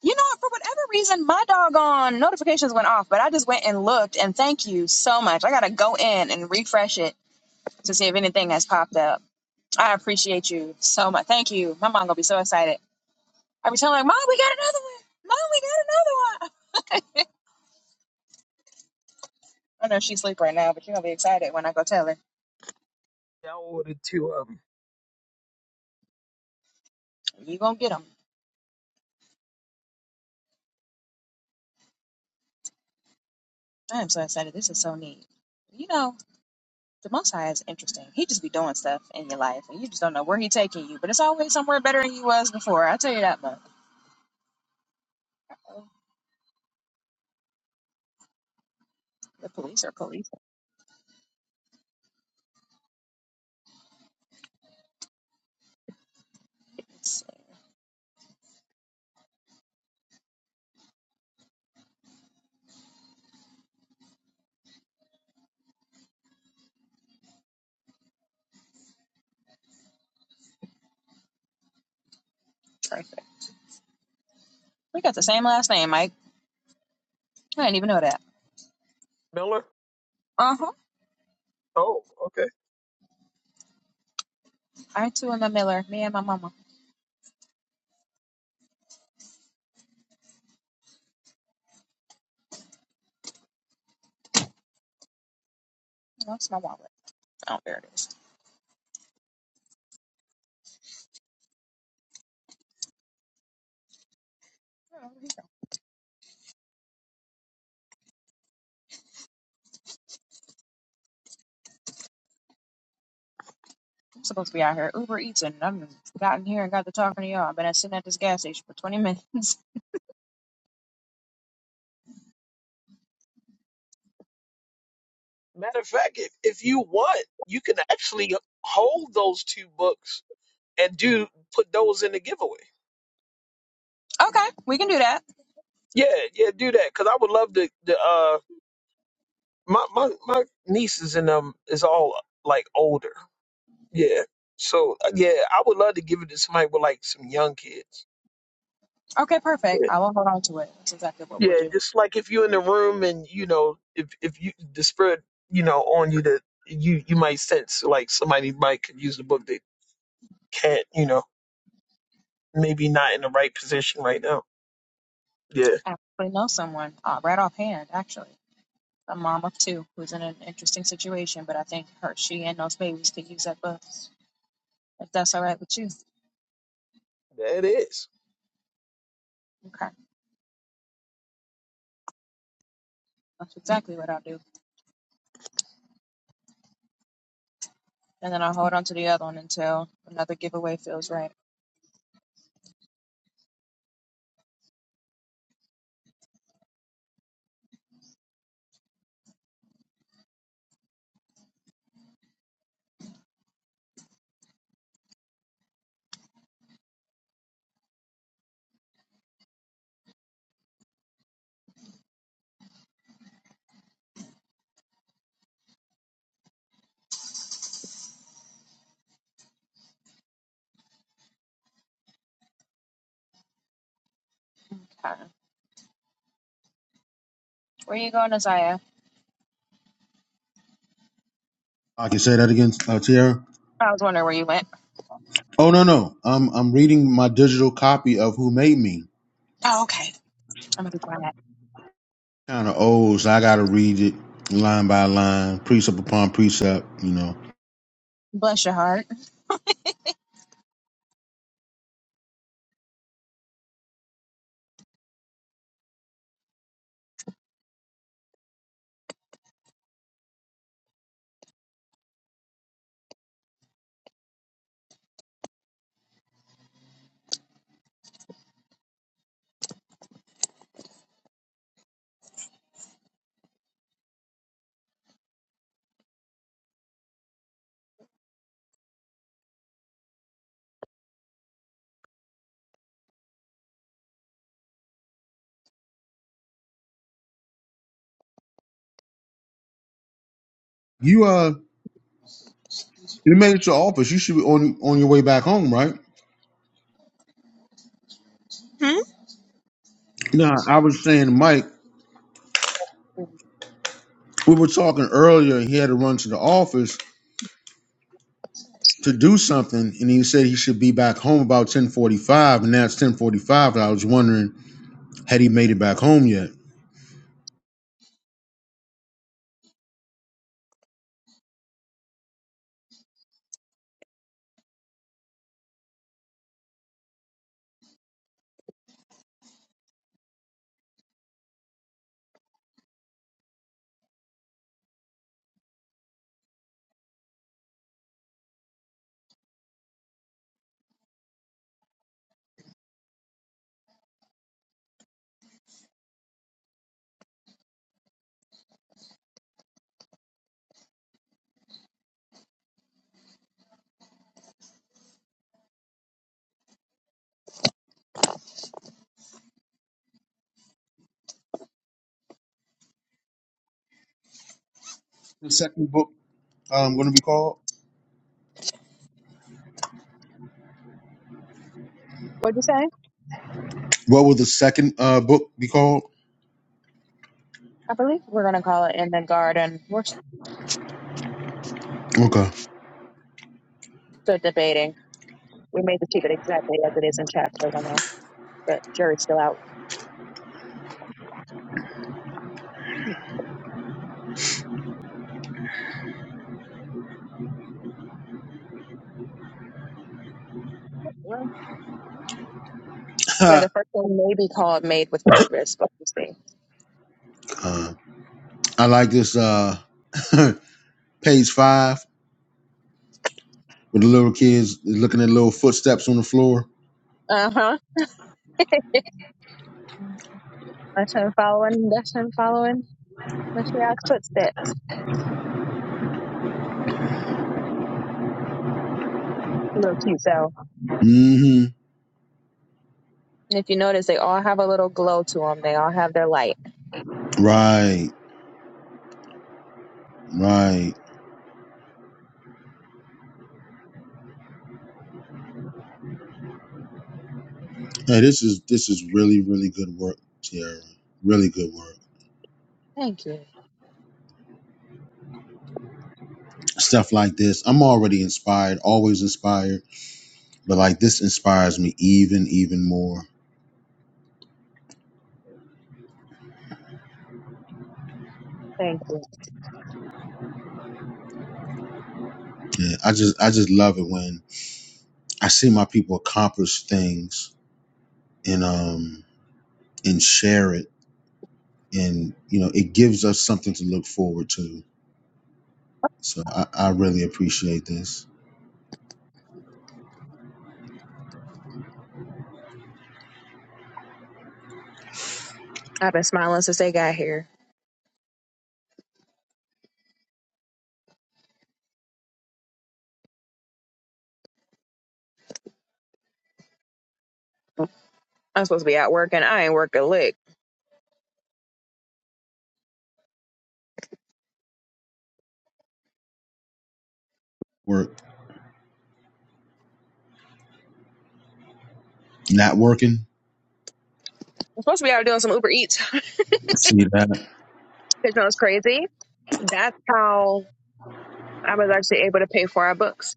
Speaker 6: You know, for whatever reason, my doggone notifications went off, but I just went and looked, and thank you so much. I gotta go in and refresh it to see if anything has popped up. I appreciate you so much. Thank you. My mom gonna be so excited. I be telling Mom, we got another one. Mom, we got another one. I know she's asleep right now, but you're gonna be excited when I go tell her. You gonna get get 'em. I am so excited. This is so neat. You know, the Most High is interesting. He just be doing stuff in your life, and you just don't know where he taking you. But it's always somewhere better than you was before. I will tell you that much. Oh, The police are police. It's perfect. We got the same last name, Mike. I didn't even know that. Uh huh. I too am a Miller. Me and my mama. That's my wallet. Oh, there it is. Oh, there you go. I'm supposed to be out here Uber Eats and I've gotten here and got to talking to y'all. I've been sitting at this gas station for 20 minutes. Okay, we can do that.
Speaker 4: Yeah, yeah, do that because I would love to. to uh, my my my nieces and them is all like older. Yeah, so uh, yeah, I would love to give it to somebody with like some young kids.
Speaker 6: Okay, perfect. I will hold on to it. That's exactly what we'll
Speaker 4: Yeah,
Speaker 6: do.
Speaker 4: just like if you're in the room and you know, if if you the spirit, you know, on you that you you might sense like somebody might could use the book that can't, you know.
Speaker 6: I actually know someone uh, right offhand, actually, a mom of two who's in an interesting situation, but I think her, she, and those babies could use that book if that's all right with you. Okay, that's exactly what I'll do. And then I'll hold on to the other one until another giveaway feels right. Okay. Where you going, Isaiah?
Speaker 5: I can say that again, uh, Tiara.
Speaker 6: I was wondering where you went.
Speaker 5: Oh no, no. I'm I'm reading my digital copy of Who Made Me.
Speaker 6: Oh, okay. I'm gonna be quiet.
Speaker 5: Kind of old, so I gotta read it line by line, precept upon precept. You know.
Speaker 6: Bless your heart.
Speaker 5: You uh, you made it to office. You should be on on your way back home, right?
Speaker 6: Hmm?
Speaker 5: No, I was saying, Mike. We were talking earlier. He had to run to the office to do something, and he said he should be back home about ten forty five, and now it's ten forty five. I was wondering had he made it back home yet. The second book um, going to be called.
Speaker 6: What'd you say?
Speaker 5: What will the second uh, book be called?
Speaker 6: I believe we're gonna call it in the garden. We're
Speaker 5: Okay,
Speaker 6: still debating. We made to keep it exactly as it is in chapter one oh, but jury's still out. Hmm. Well, yeah,
Speaker 5: uh,
Speaker 6: the first one may be called made with purpose, but we'll see.
Speaker 5: I like this uh, page five with the little kids looking at little footsteps on the floor.
Speaker 6: Uh huh. That's him following. That's him following Mashiach's footsteps. A little cute, so.
Speaker 5: mm hmm
Speaker 6: And if you notice, they all have a little glow to them. They all have their light.
Speaker 5: Right, right. Hey, this is this is really really good work, Tiara. Really good work.
Speaker 6: Thank you.
Speaker 5: Stuff like this, I'm already inspired. Always inspired but like this inspires me even even more
Speaker 6: Thank you.
Speaker 5: and i just i just love it when i see my people accomplish things and um and share it and you know it gives us something to look forward to so i, I really appreciate this
Speaker 6: I've been smiling since they got here. I'm supposed to be out working. I ain't working lick.
Speaker 5: work not working
Speaker 6: I'm supposed to be out doing some Uber Eats.
Speaker 5: see that
Speaker 6: you know it's crazy. That's how I was actually able to pay for our books.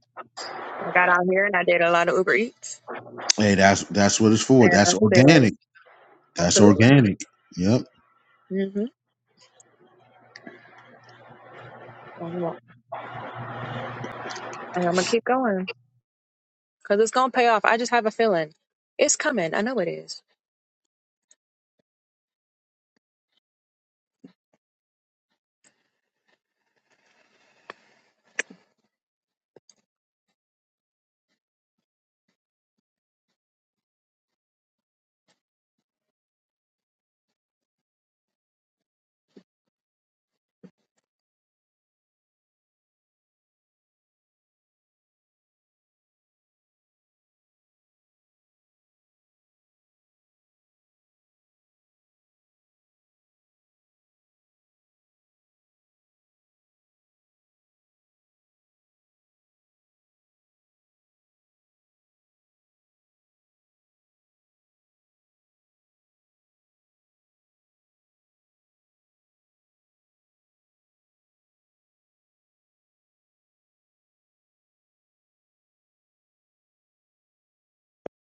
Speaker 6: I got out here and I did a lot of Uber Eats.
Speaker 5: hey that's that's what it's for
Speaker 6: And I
Speaker 5: that's
Speaker 6: said,
Speaker 5: organic that's
Speaker 6: absolutely.
Speaker 5: organic yep
Speaker 6: mm hmm And I'm going to keep going because it's going to pay off. I just have a feeling. It's coming. I know it is.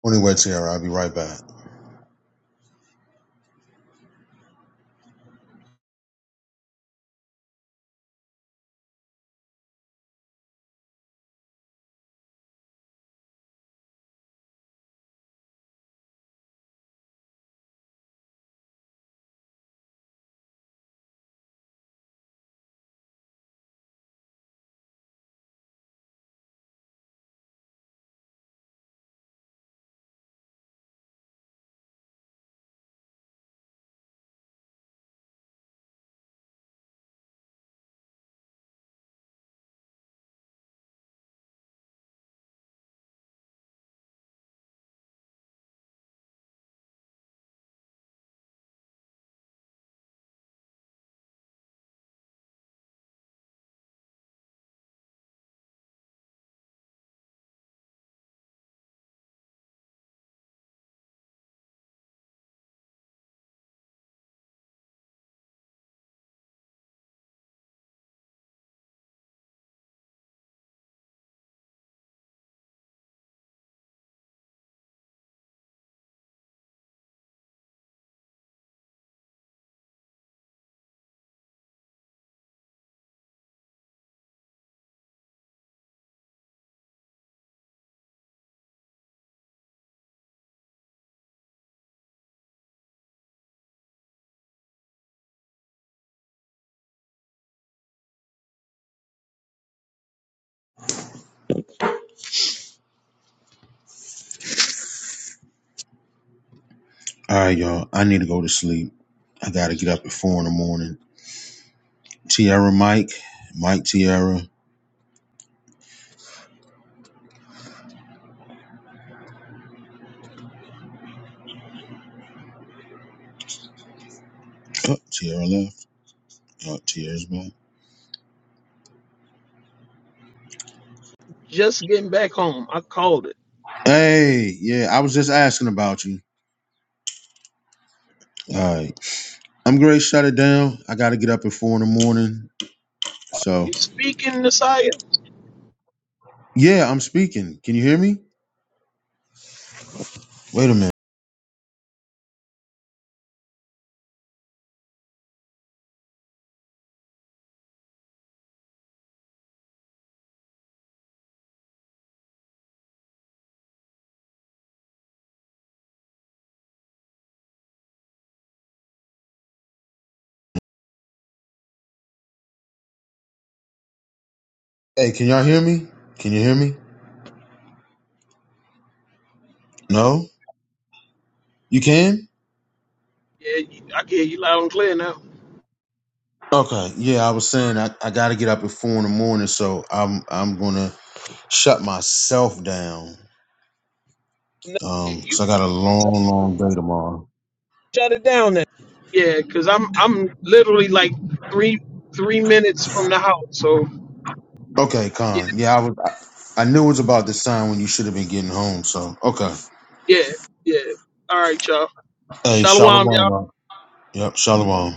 Speaker 5: anyway tara i'll be right back all right y'all i need to go to sleep i gotta get up at four in the morning Tierra, mike mike Tierra. Oh, Tierra left. Oh, Tierra's back.
Speaker 4: Just getting back home, I called it.
Speaker 5: Hey, yeah, I was just asking about you. All right. I'm great. Shut it down. I got to get up at four in the morning. So,
Speaker 4: You speaking, Messiah?
Speaker 5: yeah, I'm speaking. Can you hear me? Wait a minute. Hey, can y'all hear me? Can you hear me? No, you can.
Speaker 4: Yeah, you, I can hear you loud and clear now.
Speaker 5: Okay. Yeah, I was saying I, I got to get up at four in the morning, so I'm I'm gonna shut myself down.
Speaker 4: Yeah,
Speaker 5: Um,
Speaker 4: you
Speaker 5: cause I got a long, long day tomorrow.
Speaker 4: shut. Yeah, cause I'm I'm literally like three three minutes from the house. So
Speaker 5: Okay,
Speaker 4: yeah,
Speaker 5: Con. Yeah, I was. I, I knew it was about this time when you should have been getting home. So, okay.
Speaker 4: yeah, yeah. All right, y'all.
Speaker 5: Hey, Shalom.
Speaker 4: Shalom,
Speaker 5: uh, Yep, Shalom.